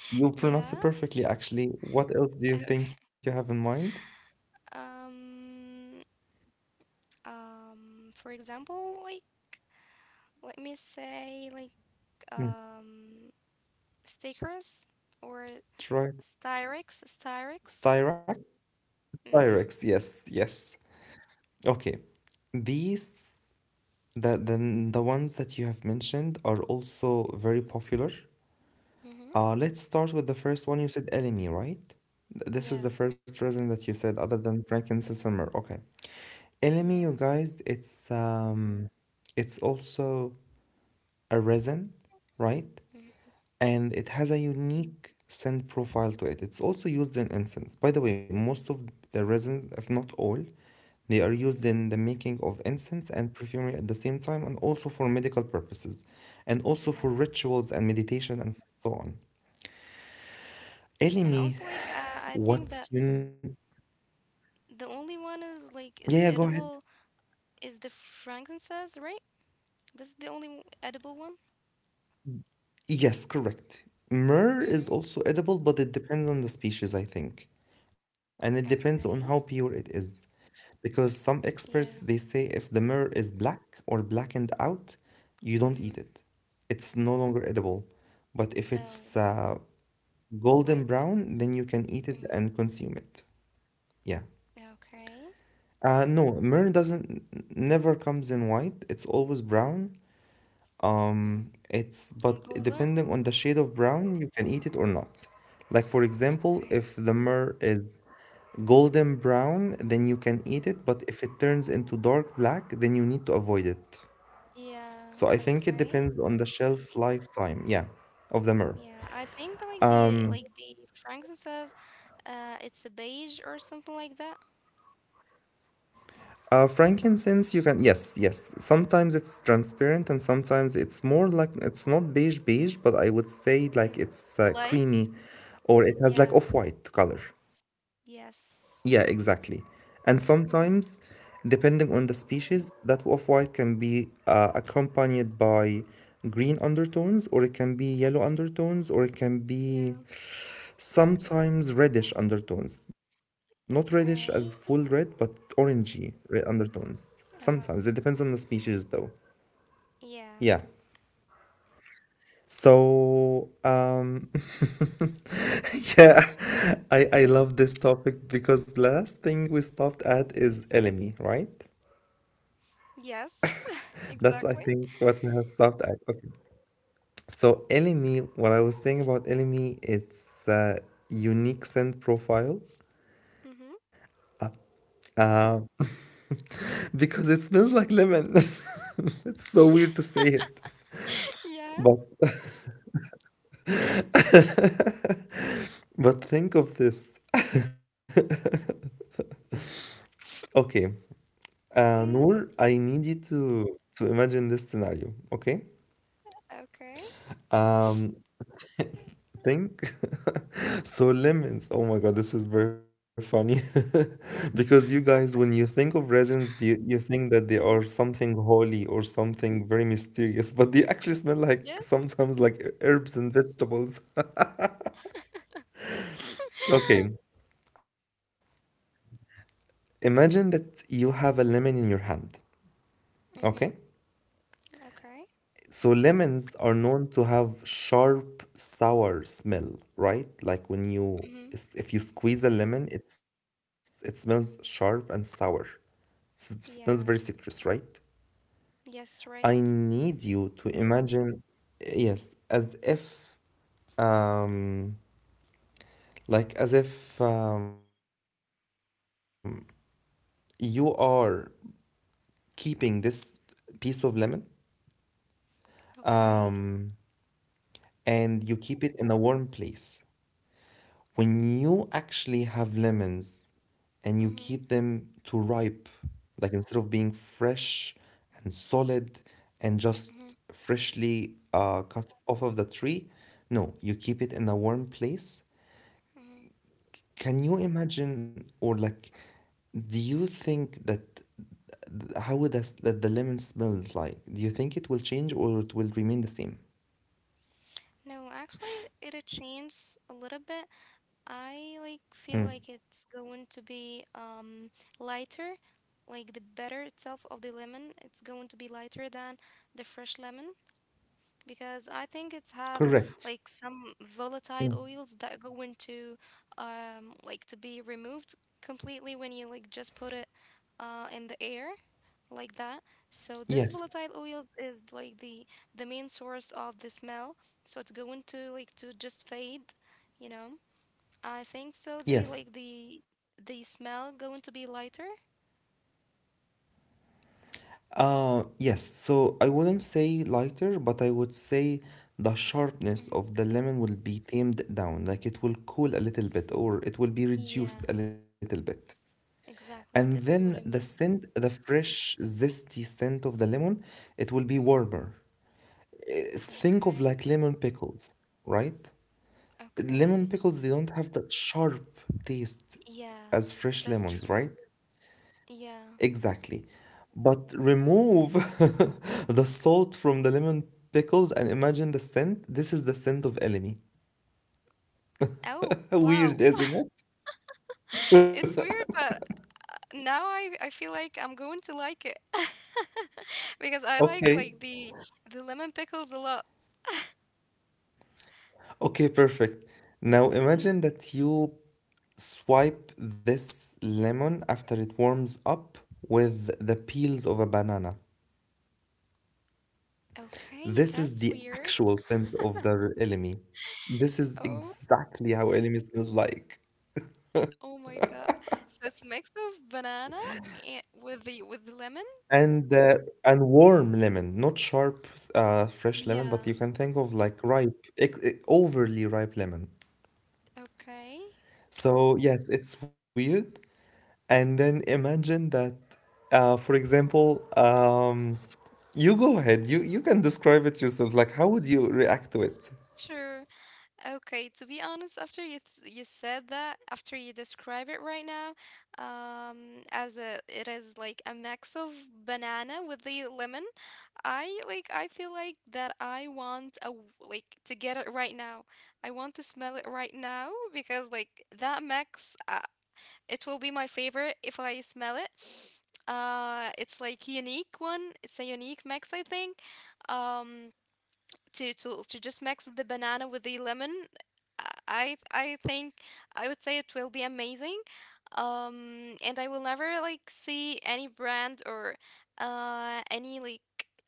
Speaker 1: You pronounce it
Speaker 2: Yeah.
Speaker 1: perfectly, actually. What else do you
Speaker 2: Okay.
Speaker 1: think you have in mind?
Speaker 2: Um, for example, like, let me say, like,
Speaker 1: Mm,
Speaker 2: um, stickers or
Speaker 1: try it.
Speaker 2: styrex.
Speaker 1: Styrax?
Speaker 2: Mm-hmm.
Speaker 1: Styrax, yes, yes. Okay. These, the ones that you have mentioned are also very popular.
Speaker 2: Mm-hmm.
Speaker 1: Let's start with the first one. You said elemi, right? This is
Speaker 2: Yeah.
Speaker 1: the first resin that you said other than frankincense and myrrh. Okay. Elemi,
Speaker 2: Yeah.
Speaker 1: you guys, it's also a resin, right?
Speaker 2: Mm-hmm.
Speaker 1: And it has a unique scent profile to it. It's also used in incense. By the way, most of the resins, if not all, they are used
Speaker 2: Mm-hmm.
Speaker 1: in the making of incense and perfumery at the same time, and also for medical purposes, and also for
Speaker 2: Yeah.
Speaker 1: rituals and meditation and so on.
Speaker 2: And also,
Speaker 1: Elimi,
Speaker 2: like, I think that
Speaker 1: what's un-
Speaker 2: the only one is, like, is
Speaker 1: yeah, yeah, go ahead.
Speaker 2: edible is the frankincense, right? That's the only edible one.
Speaker 1: Yes, correct. Myrrh is
Speaker 2: Mm-hmm.
Speaker 1: also edible, but it depends on the species, I think, and it depends on how pure
Speaker 2: Okay.
Speaker 1: it is. Because some experts they
Speaker 2: Yeah.
Speaker 1: say if the mirror is black or blackened out, you don't eat
Speaker 2: Mm-hmm.
Speaker 1: it. It's no longer edible. But if it's
Speaker 2: Oh,
Speaker 1: golden
Speaker 2: white?
Speaker 1: brown, then you can eat it
Speaker 2: Mm.
Speaker 1: and consume it. Yeah.
Speaker 2: Okay.
Speaker 1: No, myrrh doesn't never comes in white. It's always brown.
Speaker 2: Hmm.
Speaker 1: It's but
Speaker 2: And golden?
Speaker 1: depending on the shade of brown, you can eat it or not. Like for example,
Speaker 2: Okay.
Speaker 1: if the myrrh is golden
Speaker 2: Mm.
Speaker 1: brown, then you can eat it, but if it turns into dark black, then you need to avoid it.
Speaker 2: Yeah,
Speaker 1: So I think it
Speaker 2: okay.
Speaker 1: depends on the shelf lifetime, yeah, of the myrrh.
Speaker 2: Yeah, I think that, like the Franklin says, it's a beige or something like that.
Speaker 1: Frankincense, you can, yes, yes. Sometimes it's transparent and sometimes it's more like, it's not beige beige, but I would say like
Speaker 2: Mm.
Speaker 1: it's
Speaker 2: Light?
Speaker 1: creamy or it has like
Speaker 2: Yeah.
Speaker 1: off-white color. Yeah, exactly.
Speaker 2: Yes.
Speaker 1: And sometimes,
Speaker 2: Mm-hmm.
Speaker 1: depending on the species, that off-white can be accompanied by green undertones, or it can be yellow undertones, or it can be
Speaker 2: Yeah.
Speaker 1: sometimes reddish undertones. Not reddish as full red,
Speaker 2: Okay.
Speaker 1: but orangey red undertones.
Speaker 2: Uh-huh.
Speaker 1: Sometimes it depends on the species, though. Yeah.
Speaker 2: Yeah.
Speaker 1: So, <laughs> yeah, I love this topic because last thing we stopped at is elemi, right?
Speaker 2: Yes. <laughs>
Speaker 1: That's, I
Speaker 2: Exactly.
Speaker 1: think, what we have stopped at. Okay. So LME, what I was thinking about LME, it's unique scent profile
Speaker 2: Mm-hmm.
Speaker 1: uh, <laughs> because it smells like lemon. <laughs> It's so weird
Speaker 2: Yeah.
Speaker 1: to say it,
Speaker 2: <laughs> Yeah.
Speaker 1: but <laughs> but think of this. <laughs> Okay,
Speaker 2: Mm.
Speaker 1: Noor, I need you to imagine this scenario. Okay,
Speaker 2: Okay.
Speaker 1: um, think <laughs> so lemons, oh my god, this is very funny. <laughs> Because you guys, when you think of resins, you think that they are
Speaker 2: Mm.
Speaker 1: something holy or something very mysterious, but they actually smell like
Speaker 2: Yes.
Speaker 1: sometimes like herbs and vegetables. <laughs>
Speaker 2: <laughs>
Speaker 1: Okay, imagine that you have a lemon in your hand.
Speaker 2: Mm-hmm.
Speaker 1: Okay,
Speaker 2: Okay.
Speaker 1: so lemons are known to have sharp sour smell, right? like when you
Speaker 2: Mm-hmm.
Speaker 1: If you squeeze a lemon, it smells sharp and sour. Smells very
Speaker 2: Yeah.
Speaker 1: citrus, right?
Speaker 2: Yes,
Speaker 1: I
Speaker 2: right.
Speaker 1: need you to imagine, yes, as if, um, like as if, you are keeping this piece of lemon, um,
Speaker 2: Okay.
Speaker 1: and you keep it in a warm place. When you actually have lemons and you keep them
Speaker 2: Mhm.
Speaker 1: to ripe, like instead of being fresh and solid and just
Speaker 2: Mhm.
Speaker 1: freshly cut off of the tree, no, you keep it in a warm place.
Speaker 2: Mhm.
Speaker 1: Can you imagine, or like, do you think that how would that, that the lemon smells like? Do you think it will change or it will remain the same?
Speaker 2: No, actually, it changed a little bit. I like feel like
Speaker 1: Mm.
Speaker 2: it's going to be lighter, like the better itself of the lemon. It's going to be lighter than the fresh lemon. Because I think it's have like
Speaker 1: Correct.
Speaker 2: some volatile
Speaker 1: Mm.
Speaker 2: oils that go into like to be removed completely when you like just put it in the air like that. So this volatile
Speaker 1: Yes,
Speaker 2: oils is like the main source of the smell. So it's going to like to just fade, you know. I think so the like
Speaker 1: yes.
Speaker 2: the the smell going to be lighter.
Speaker 1: Yes, so I wouldn't say lighter, but I would say the sharpness
Speaker 2: Mhm.
Speaker 1: of the lemon will be tamed down, like it will cool a little bit or it will be reduced
Speaker 2: Yeah,
Speaker 1: a little bit. And
Speaker 2: exactly. This
Speaker 1: then
Speaker 2: is what I
Speaker 1: the
Speaker 2: mean.
Speaker 1: scent, the fresh, zesty scent of the lemon, it will be
Speaker 2: Hmm.
Speaker 1: warmer. Think of
Speaker 2: Okay.
Speaker 1: like lemon pickles, right?
Speaker 2: Okay.
Speaker 1: Lemon pickles, they don't have that sharp taste as
Speaker 2: Yeah,
Speaker 1: fresh
Speaker 2: that's
Speaker 1: lemons, right?
Speaker 2: true. Yeah.
Speaker 1: Exactly. But remove <laughs> the salt from the lemon pickles and imagine the scent. This is the scent of enemy.
Speaker 2: Oh,
Speaker 1: <laughs> Weird,
Speaker 2: wow. <laughs>
Speaker 1: isn't it?
Speaker 2: It's weird, but now I feel like I'm going to like it. <laughs> Because I
Speaker 1: Okay.
Speaker 2: like the lemon pickles a lot.
Speaker 1: Okay, perfect. Now
Speaker 2: Mm,
Speaker 1: imagine that you swipe this lemon after it warms up with the peels of a banana.
Speaker 2: okay,
Speaker 1: This
Speaker 2: that's
Speaker 1: is the
Speaker 2: weird.
Speaker 1: actual scent of the elemi. This is
Speaker 2: Oh,
Speaker 1: exactly how elemi smells like.
Speaker 2: oh my God. So it's mix of banana and with the lemon?
Speaker 1: And uh, and warm lemon, not sharp fresh lemon,
Speaker 2: Yeah.
Speaker 1: but you can think of like ripe, overly ripe lemon.
Speaker 2: Okay.
Speaker 1: So yes, it's weird. And then imagine that, for example, you go ahead. You can describe it yourself. Like, how would you react to it?
Speaker 2: Sure. Okay, to be honest, after you said that, after you describe it right now, as a it is like a mix of banana with the lemon. I like I feel like that I want a like to get it right now. I want to smell it right now because like that mix, it will be my favorite if I smell it. <sniffs> It's like unique one. It's a unique mix, I think. Um, to just mix the banana with the lemon, I think I would say it will be amazing. And I will never like see any brand or any like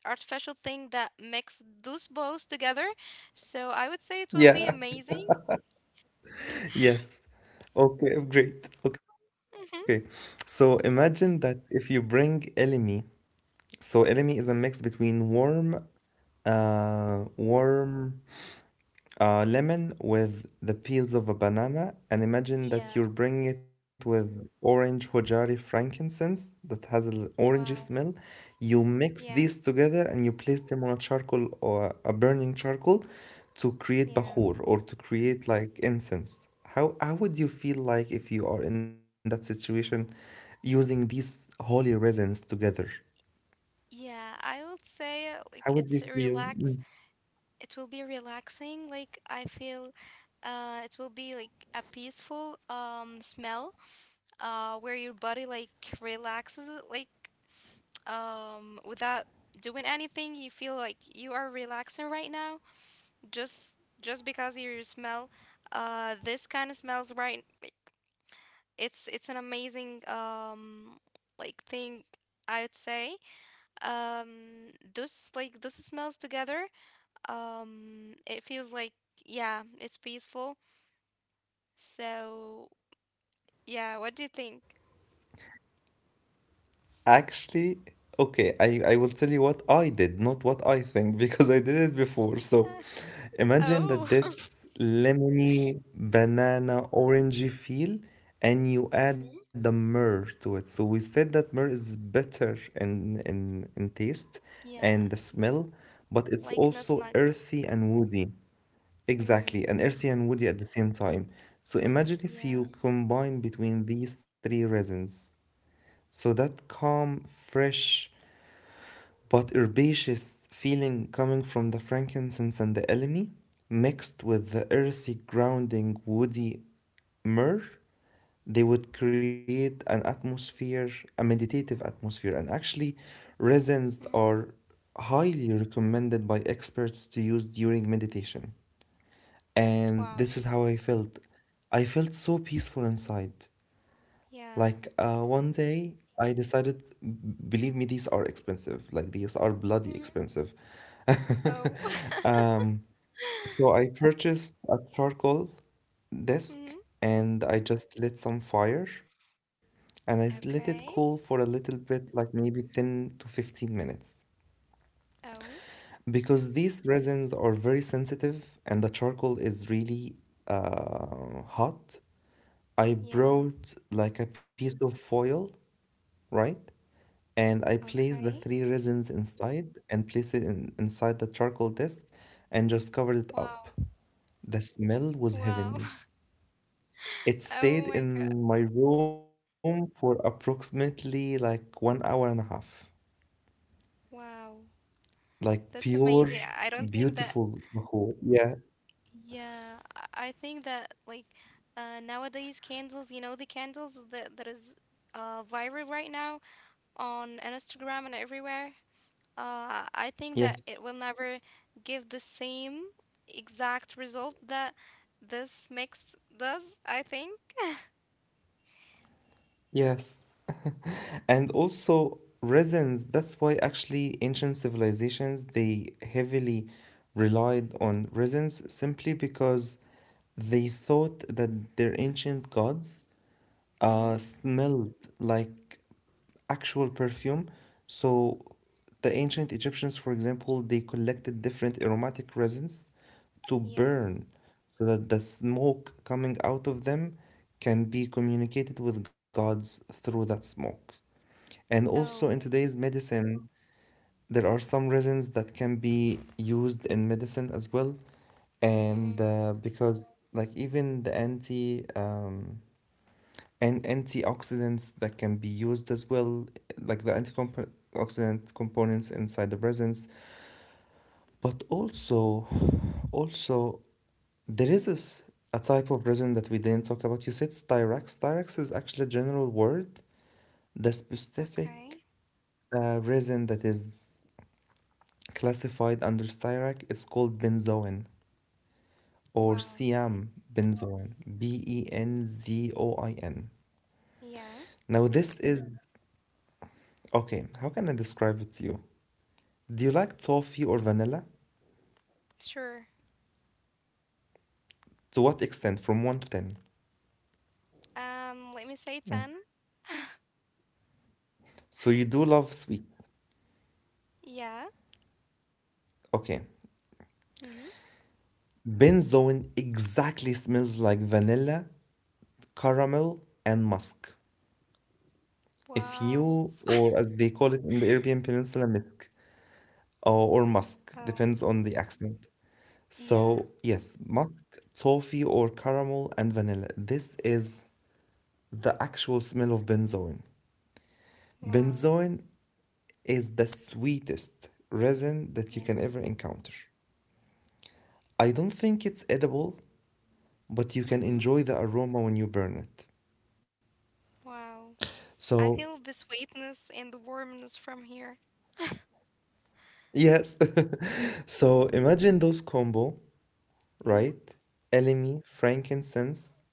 Speaker 2: artificial thing that mix those both together. So I would say it will be
Speaker 1: Yeah.
Speaker 2: amazing.
Speaker 1: <laughs> Yes. Okay, great. Okay.
Speaker 2: Hmm.
Speaker 1: So imagine that if you bring elemi, so elemi is a
Speaker 2: Hmm.
Speaker 1: mix between warm, warm lemon with the peels of a banana, and imagine
Speaker 2: Yeah.
Speaker 1: that you're bringing it with orange hojari frankincense that has an orangey
Speaker 2: Wow.
Speaker 1: smell. You mix
Speaker 2: Yeah.
Speaker 1: these together and you place them on a charcoal or a burning charcoal to create
Speaker 2: Yeah.
Speaker 1: bahur or to create like incense. How would you feel like if you are in that situation using these holy resins together?
Speaker 2: Yeah, I would say
Speaker 1: How
Speaker 2: like
Speaker 1: would you
Speaker 2: it's a
Speaker 1: feel?
Speaker 2: relax
Speaker 1: Mm.
Speaker 2: it will be relaxing. Like I feel it will be like a peaceful smell where your body like relaxes it like without doing anything. You feel like you are relaxing right now just just because you smell this kind of smells right. It's an amazing like thing I would say. Um, those like those smells together it feels like, yeah, it's peaceful. So, yeah, what do you think?
Speaker 1: Actually, okay, I will tell you what I did, not what I think, <laughs> because I did it before. So
Speaker 2: Uh,
Speaker 1: imagine that
Speaker 2: oh, <laughs>
Speaker 1: this lemony, banana, orangey feel, and you add the
Speaker 2: Mhm.
Speaker 1: myrrh to it. So we said that myrrh is bitter in taste and the
Speaker 2: Yeah, n-
Speaker 1: smell, but it's
Speaker 2: like not
Speaker 1: also
Speaker 2: mug.
Speaker 1: earthy and woody.
Speaker 2: Mm-hmm.
Speaker 1: Exactly, and earthy and woody at the same time. So imagine if
Speaker 2: Yeah.
Speaker 1: you combine between these three resins. So that calm, fresh, but herbaceous feeling coming from the frankincense and the elemi, mixed with the earthy, grounding, woody myrrh, they would create an atmosphere, a meditative atmosphere. And actually, resins
Speaker 2: Mm.
Speaker 1: are highly recommended by experts to use during meditation. And
Speaker 2: Wow.
Speaker 1: this is how I felt. I felt so peaceful inside.
Speaker 2: Yeah.
Speaker 1: Like one day I decided, believe me, these are expensive. Like these are
Speaker 2: Mm-hmm.
Speaker 1: bloody expensive.
Speaker 2: Oh.
Speaker 1: <laughs> Um, so
Speaker 2: <laughs>
Speaker 1: I purchased a charcoal
Speaker 2: Mm-hmm.
Speaker 1: desk and I just lit some fire and let it cool for
Speaker 2: Okay.
Speaker 1: a little bit, like maybe 10 to 15 minutes.
Speaker 2: Oh.
Speaker 1: Because these resins are very sensitive and the charcoal is really hot, I
Speaker 2: Yeah.
Speaker 1: brought like a piece of foil, right? And I place the
Speaker 2: Okay.
Speaker 1: three resins inside and place it in, inside the charcoal disk and just covered it up.
Speaker 2: Wow.
Speaker 1: The smell was
Speaker 2: Wow. <laughs>
Speaker 1: heavenly. It
Speaker 2: Oh
Speaker 1: stayed
Speaker 2: my God.
Speaker 1: in my room for approximately like one hour and a half.
Speaker 2: Wow.
Speaker 1: Like
Speaker 2: That's
Speaker 1: pure,
Speaker 2: amazing. I don't think that.
Speaker 1: beautiful mahou. Yeah.
Speaker 2: Yeah, I think that like nowadays candles, you know, the candles that that is viral right now on Instagram and everywhere. I think that
Speaker 1: Yes.
Speaker 2: it will never give the same exact result that this mix does, I think.
Speaker 1: Yes. And also resins, that's why actually ancient civilizations they heavily relied on resins, simply because they thought that their ancient gods
Speaker 2: Mm-hmm.
Speaker 1: smelled like actual perfume. So the ancient Egyptians, for example, they collected different aromatic resins to
Speaker 2: Yeah.
Speaker 1: burn so that the smoke coming out of them can be communicated with gods through that smoke. And also in
Speaker 2: Oh.
Speaker 1: today's medicine, there are some resins that can be used in medicine as well.
Speaker 2: Mm-hmm.
Speaker 1: And because like even the antioxidants that can be used as well, like the antioxidant components inside the resins. But also, also there is
Speaker 2: Mm-hmm.
Speaker 1: this, a type of resin that we didn't talk about. You said styrax. Styrax is actually a general word. The
Speaker 2: Okay.
Speaker 1: specific resin that is classified under styrac is called benzoin or
Speaker 2: Wow. Mm.
Speaker 1: siam benzoin benzoin.
Speaker 2: Yeah.
Speaker 1: Now this is, okay, how can I describe it to you? Do you like toffee or
Speaker 2: Mm.
Speaker 1: vanilla?
Speaker 2: Sure.
Speaker 1: To what extent, from 1 to 10?
Speaker 2: Let me say
Speaker 1: Mm.
Speaker 2: 10. <laughs>
Speaker 1: So you do love sweets.
Speaker 2: Yeah.
Speaker 1: Okay,
Speaker 2: Mm-hmm.
Speaker 1: benzoin exactly smells like vanilla, caramel and musk, if
Speaker 2: Wow.
Speaker 1: you, or as they call it in the Arabian Peninsula, misk, or musk,
Speaker 2: <laughs> Oh.
Speaker 1: depends on the accent. So,
Speaker 2: Yeah.
Speaker 1: yes, musk, toffee, or caramel and vanilla. This is the actual smell of benzoin.
Speaker 2: Wow.
Speaker 1: Benzoin is the sweetest resin that you
Speaker 2: Yeah.
Speaker 1: can ever encounter. I don't think it's edible, but you can
Speaker 2: Mhm.
Speaker 1: enjoy the aroma when you burn it.
Speaker 2: Wow.
Speaker 1: So,
Speaker 2: I feel the sweetness and the warmness from here.
Speaker 1: yes. <laughs> So, imagine those combo,
Speaker 2: Mhm.
Speaker 1: right? Elemi, frankincense,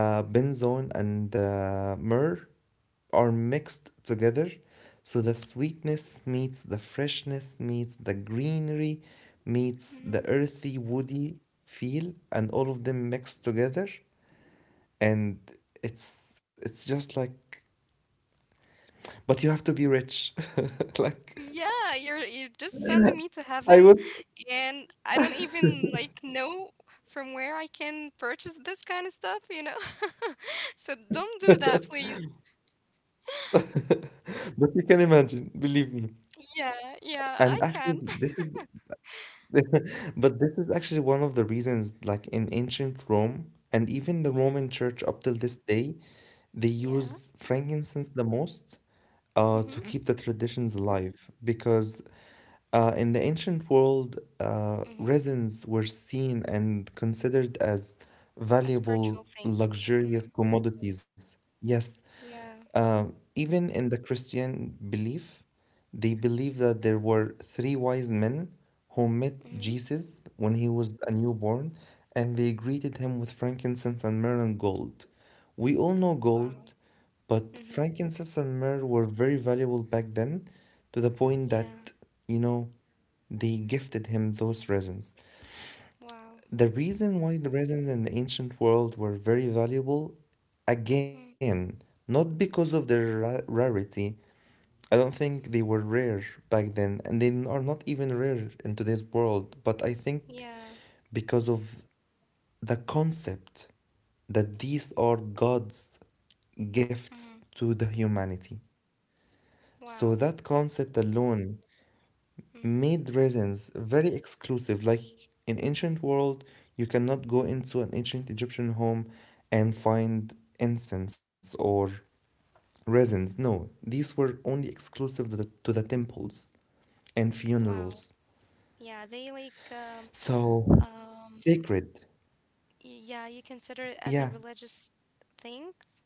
Speaker 1: benzone and myrrh are mixed together, so the sweetness meets the freshness meets the greenery meets the
Speaker 2: Mhm.
Speaker 1: earthy woody feel and all of them mixed together, and it's just like, but you have to be rich, <laughs> like
Speaker 2: Yeah, you're just sending me to
Speaker 1: I
Speaker 2: heaven,
Speaker 1: was.
Speaker 2: and I don't even like know from where I can purchase this kind of stuff? <laughs> So don't do that, please.
Speaker 1: <laughs> But you can imagine, believe me.
Speaker 2: Yeah, yeah, I
Speaker 1: And
Speaker 2: can.
Speaker 1: actually
Speaker 2: <laughs>
Speaker 1: this is <laughs> but this is actually one of the reasons, like in ancient Rome and even the Roman
Speaker 2: Mhm.
Speaker 1: Church up till this day, they use
Speaker 2: Yeah.
Speaker 1: frankincense the most to
Speaker 2: Mhm.
Speaker 1: keep the traditions alive. Because in the ancient world,
Speaker 2: Mhm.
Speaker 1: resins were seen and considered as
Speaker 2: A
Speaker 1: valuable,
Speaker 2: spiritual thing. Mhm.
Speaker 1: luxurious commodities. Yes.
Speaker 2: Yeah.
Speaker 1: Even in the Christian belief, they believe that there were three wise men who met
Speaker 2: Mhm.
Speaker 1: Jesus when he was a newborn, and they greeted him with frankincense and myrrh and gold. We all know gold,
Speaker 2: Wow.
Speaker 1: but
Speaker 2: Mhm.
Speaker 1: frankincense and myrrh were very valuable back then, to the point
Speaker 2: Yeah.
Speaker 1: that, you know, they gifted him those resins.
Speaker 2: Wow.
Speaker 1: The reason why the resins in the ancient world were very valuable,
Speaker 2: Mhm.
Speaker 1: again, not because of their rarity. I don't think they were rare back then, and they are not even rare in today's world, but I think
Speaker 2: Yeah.
Speaker 1: because of the concept that these are God's gifts
Speaker 2: Mhm.
Speaker 1: to the humanity. So
Speaker 2: Wow.
Speaker 1: that concept alone
Speaker 2: Mhm.
Speaker 1: made resins very exclusive. Like in ancient world, you cannot go into an ancient Egyptian home and find incense or resins. No, these were only exclusive to the temples and
Speaker 2: Wow.
Speaker 1: funerals.
Speaker 2: Yeah, they like
Speaker 1: So
Speaker 2: um
Speaker 1: sacred,
Speaker 2: yeah, you consider it as a
Speaker 1: yeah,
Speaker 2: religious things,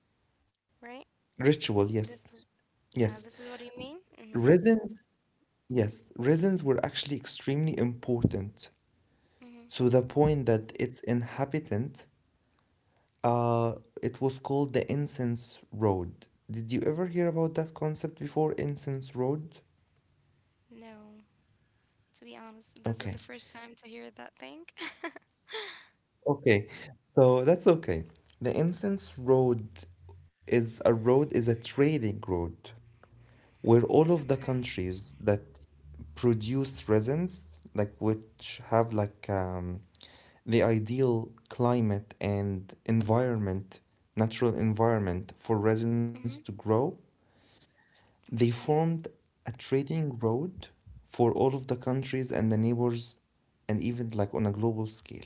Speaker 2: right?
Speaker 1: ritual, yes,
Speaker 2: This is
Speaker 1: yes.
Speaker 2: yeah, this is what you mean? Mhm.
Speaker 1: Resins, yes, resins were actually extremely important
Speaker 2: Mhm.
Speaker 1: to the point that its inhabitant Uh, it was called the Incense Road. Did you ever hear about that concept before, Incense Road?
Speaker 2: No, to be honest, this is the
Speaker 1: Okay.
Speaker 2: first time to hear that thing. <laughs>
Speaker 1: Okay. So that's okay. The Incense road, is a trading road where all of the
Speaker 2: Okay.
Speaker 1: countries that produce resins, like which have like the ideal climate and environment, natural environment for resins to
Speaker 2: Mhm.
Speaker 1: grow, they
Speaker 2: Okay.
Speaker 1: formed a trading road for all of the countries and the neighbors, and even like on a global scale.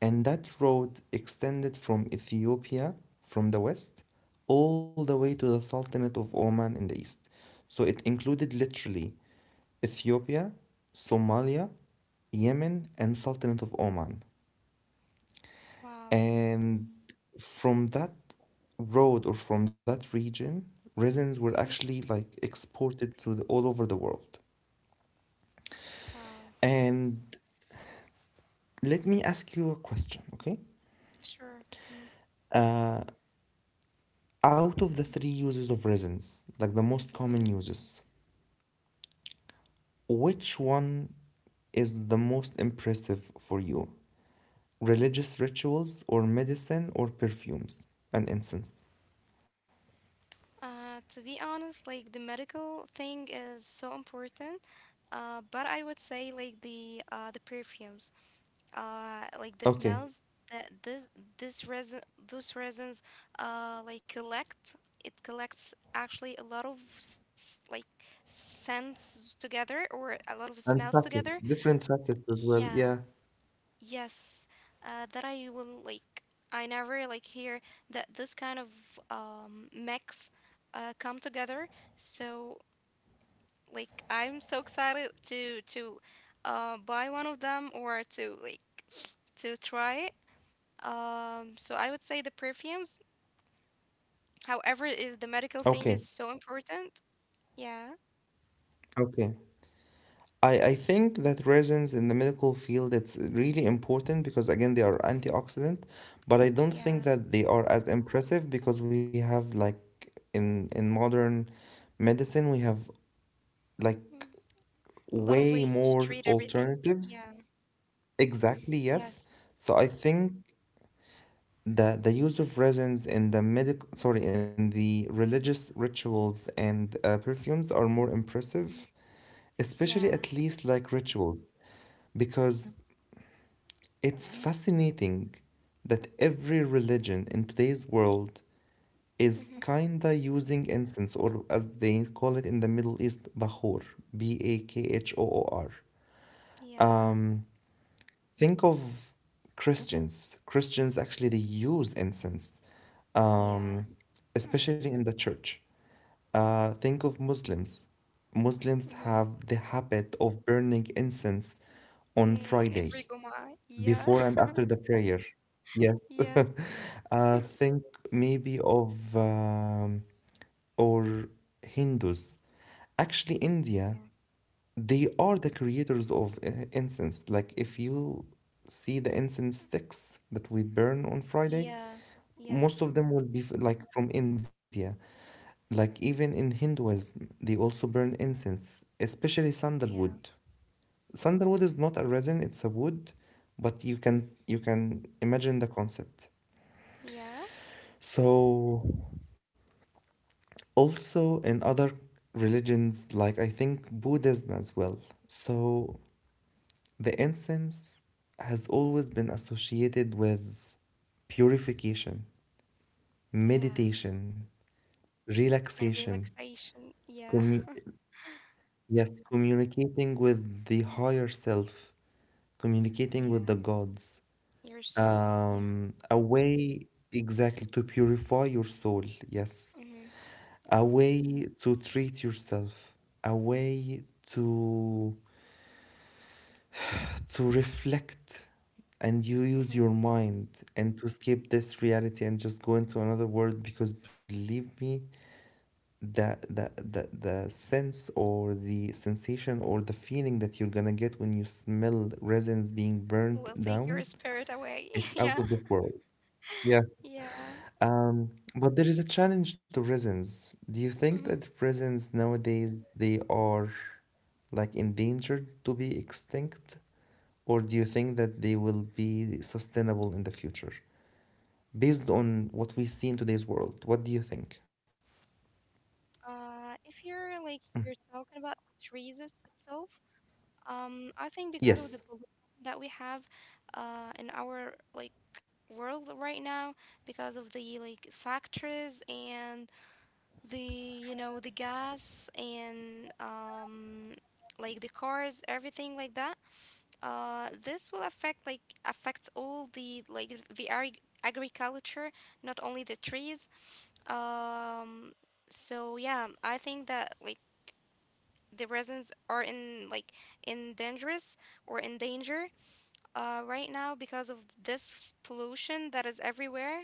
Speaker 1: And that road extended from Ethiopia from the west all the way to the Sultanate of Oman in the east. So it included literally Ethiopia, Somalia, Yemen, and Sultanate of Oman.
Speaker 2: Wow.
Speaker 1: And from that road or from that region, resins were
Speaker 2: Mhm.
Speaker 1: actually like exported to the, all over the world.
Speaker 2: Wow.
Speaker 1: And let me ask you a question, okay?
Speaker 2: Sure. Mhm.
Speaker 1: Uh, Out of the three uses of resins, like the most
Speaker 2: Mhm.
Speaker 1: common uses, which one is the most impressive for you? Religious rituals or medicine or perfumes and incense?
Speaker 2: To be honest, like the medical thing is so important. But I would say like the perfumes, like the
Speaker 1: Okay.
Speaker 2: smells that this resin those resins like collect it collects actually a lot of like scents together or a lot of smells
Speaker 1: And
Speaker 2: together.
Speaker 1: facets, different facets as well.
Speaker 2: Yeah.
Speaker 1: Yeah.
Speaker 2: Yes, that I will like. I never like hear that this kind of mix come together. So like I'm so excited to buy one of them or to like to try it. So I would say the perfumes. However, is the medical thing
Speaker 1: Okay.
Speaker 2: is so important. Yeah.
Speaker 1: Okay. I think that resins in the medical field it's really important because again they are
Speaker 2: Mhm.
Speaker 1: antioxidant, but I don't
Speaker 2: Yeah.
Speaker 1: think that they are as impressive because we have like in modern medicine we have like
Speaker 2: Mm. A lot of
Speaker 1: way
Speaker 2: ways to
Speaker 1: more
Speaker 2: treat everything.
Speaker 1: alternatives.
Speaker 2: Yeah.
Speaker 1: Exactly, yes.
Speaker 2: Yes.
Speaker 1: So I think the use of resins in the medical sorry in the religious rituals and perfumes are more
Speaker 2: Mm.
Speaker 1: impressive,
Speaker 2: Yeah.
Speaker 1: especially at least like rituals because it's fascinating that every religion in today's world is
Speaker 2: Mm-hmm.
Speaker 1: kinda using incense, or as they call it in the Middle East, Bakhor, Bakhoor.
Speaker 2: Yeah.
Speaker 1: Um, think of Christians. Christians actually they use incense, um,
Speaker 2: Yeah.
Speaker 1: especially in the church. Think of Muslims. Muslims
Speaker 2: Mm-hmm.
Speaker 1: have the habit of burning incense on
Speaker 2: Mm,
Speaker 1: Friday.
Speaker 2: every goma. Yeah.
Speaker 1: Before and after
Speaker 2: <laughs>
Speaker 1: the prayer. Yes. <laughs>
Speaker 2: Yes.
Speaker 1: Think maybe of or Hindus. Actually,
Speaker 2: Yeah.
Speaker 1: India, they are the creators of incense. Like if you see the incense sticks that we burn on Friday,
Speaker 2: Yeah. Yes.
Speaker 1: most of them will be like from India. Like even in Hinduism, they also burn incense, especially
Speaker 2: Yeah.
Speaker 1: sandalwood. Is not a resin, it's a wood, but you can imagine the concept.
Speaker 2: Yeah.
Speaker 1: So also in other religions, like I think Buddhism as well. So the incense has always been associated with purification,
Speaker 2: Yeah.
Speaker 1: meditation,
Speaker 2: And
Speaker 1: relaxation,
Speaker 2: relaxation. Yeah.
Speaker 1: commu-
Speaker 2: <laughs>
Speaker 1: yes, communicating with the higher self, communicating with the
Speaker 2: Yeah.
Speaker 1: gods.
Speaker 2: Your soul. Yeah.
Speaker 1: A way exactly to purify your soul, yes.
Speaker 2: Mm-hmm.
Speaker 1: A way to treat yourself, a way to reflect and you use
Speaker 2: Mm-hmm.
Speaker 1: your mind and to escape this reality and just go into another world because believe me, the sense or the sensation or the feeling that you're gonna get when you smell resins being burnt
Speaker 2: Will take
Speaker 1: down,
Speaker 2: your spirit away.
Speaker 1: it's
Speaker 2: <laughs>
Speaker 1: out
Speaker 2: Yeah.
Speaker 1: of this world. Yeah.
Speaker 2: Yeah.
Speaker 1: But there is a challenge to resins. Do you think
Speaker 2: Mm-hmm.
Speaker 1: that resins nowadays they are like endangered to be extinct, or do you think that they will be sustainable in the future? Based on what we see in today's world, what do you think?
Speaker 2: If you're like you're talking about the trees itself, I think because of the pollution
Speaker 1: Yes,
Speaker 2: that we have in our like world right now, because of the like factories and the you know the gas and like the cars, everything like that. This will affect like affects all the like the agriculture, not only the trees. Um, so yeah, I think that like the resins are in like in dangerous or in danger right now because of this pollution that is everywhere.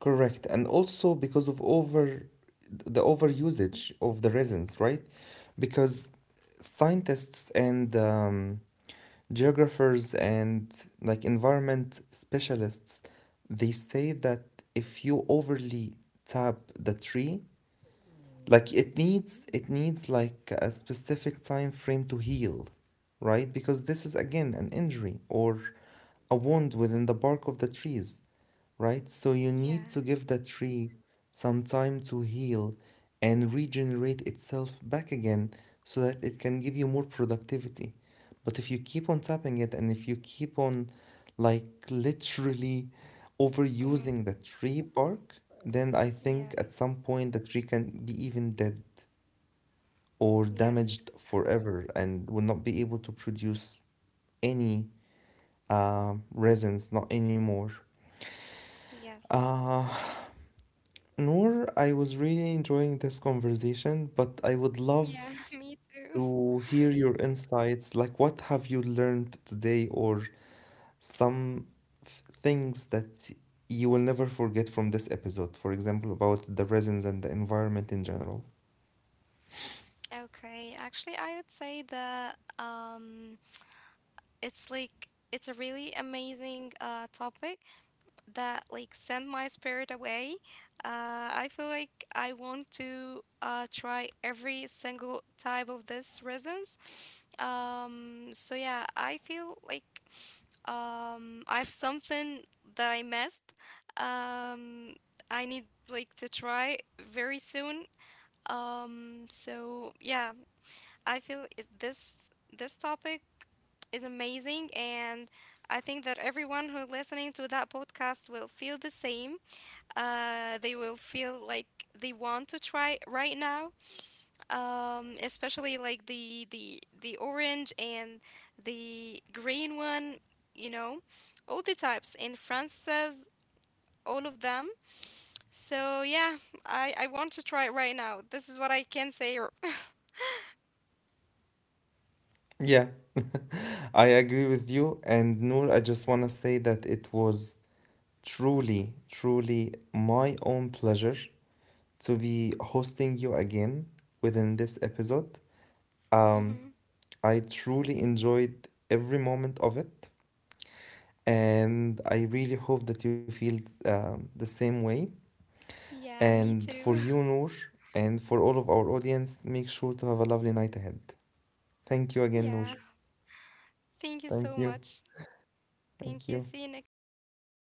Speaker 1: correct. And also because of over the overusage of the resins, right? Because scientists and geographers and like environment specialists, they say that if you overly tap the tree, like it needs like a specific time frame to heal, right? Because this is again an injury or a wound within the bark of the trees, right? So you need
Speaker 2: Yeah.
Speaker 1: to give the tree some time to heal and regenerate itself back again so that it can give you more productivity. But if you keep on tapping it and if you keep on like literally
Speaker 2: Mm-hmm.
Speaker 1: overusing the tree bark, then I think
Speaker 2: Yeah.
Speaker 1: at some point the tree can be even dead or
Speaker 2: Yes,
Speaker 1: damaged
Speaker 2: that's true.
Speaker 1: forever and will not be able to produce any resins, not anymore.
Speaker 2: Yes.
Speaker 1: Uh, Noor, I was really enjoying this conversation, but I would
Speaker 2: Yeah, <laughs>
Speaker 1: love
Speaker 2: me too. <laughs>
Speaker 1: to hear your insights. Like, what have you learned today, or some things that you will never forget from this episode. For example, about the resins and the environment in general.
Speaker 2: Okay, actually, I would say that it's like it's a really amazing topic that like send my spirit away. Uh, I feel like I want to try every single type of this resins. So yeah, I feel like I have something that I missed. Um, I need like to try very soon. So yeah, I feel it, this topic is amazing, and I think that everyone who listening to that podcast will feel the same. They will feel like they want to try right now, especially like the orange and the green one. You know, all the types, and Francis says all of them. So yeah, I want to try it right now. This is what I can say. <laughs>
Speaker 1: Yeah, <laughs> I agree with you. And Noor, I just want to say that it was truly, truly my own pleasure to be hosting you again within this episode. Um,
Speaker 2: Hmm.
Speaker 1: I truly enjoyed every moment of it. And I really hope that you feel the same way.
Speaker 2: Yeah, me
Speaker 1: And for
Speaker 2: too.
Speaker 1: you, Noor, and for all of our audience, make sure to have a lovely night ahead. Thank you
Speaker 2: <laughs>
Speaker 1: again, Noor.
Speaker 2: Yeah. Thank you so
Speaker 1: Thank you.
Speaker 2: much. Thank
Speaker 1: Thank
Speaker 2: you.
Speaker 1: you.
Speaker 2: See you next week, guys.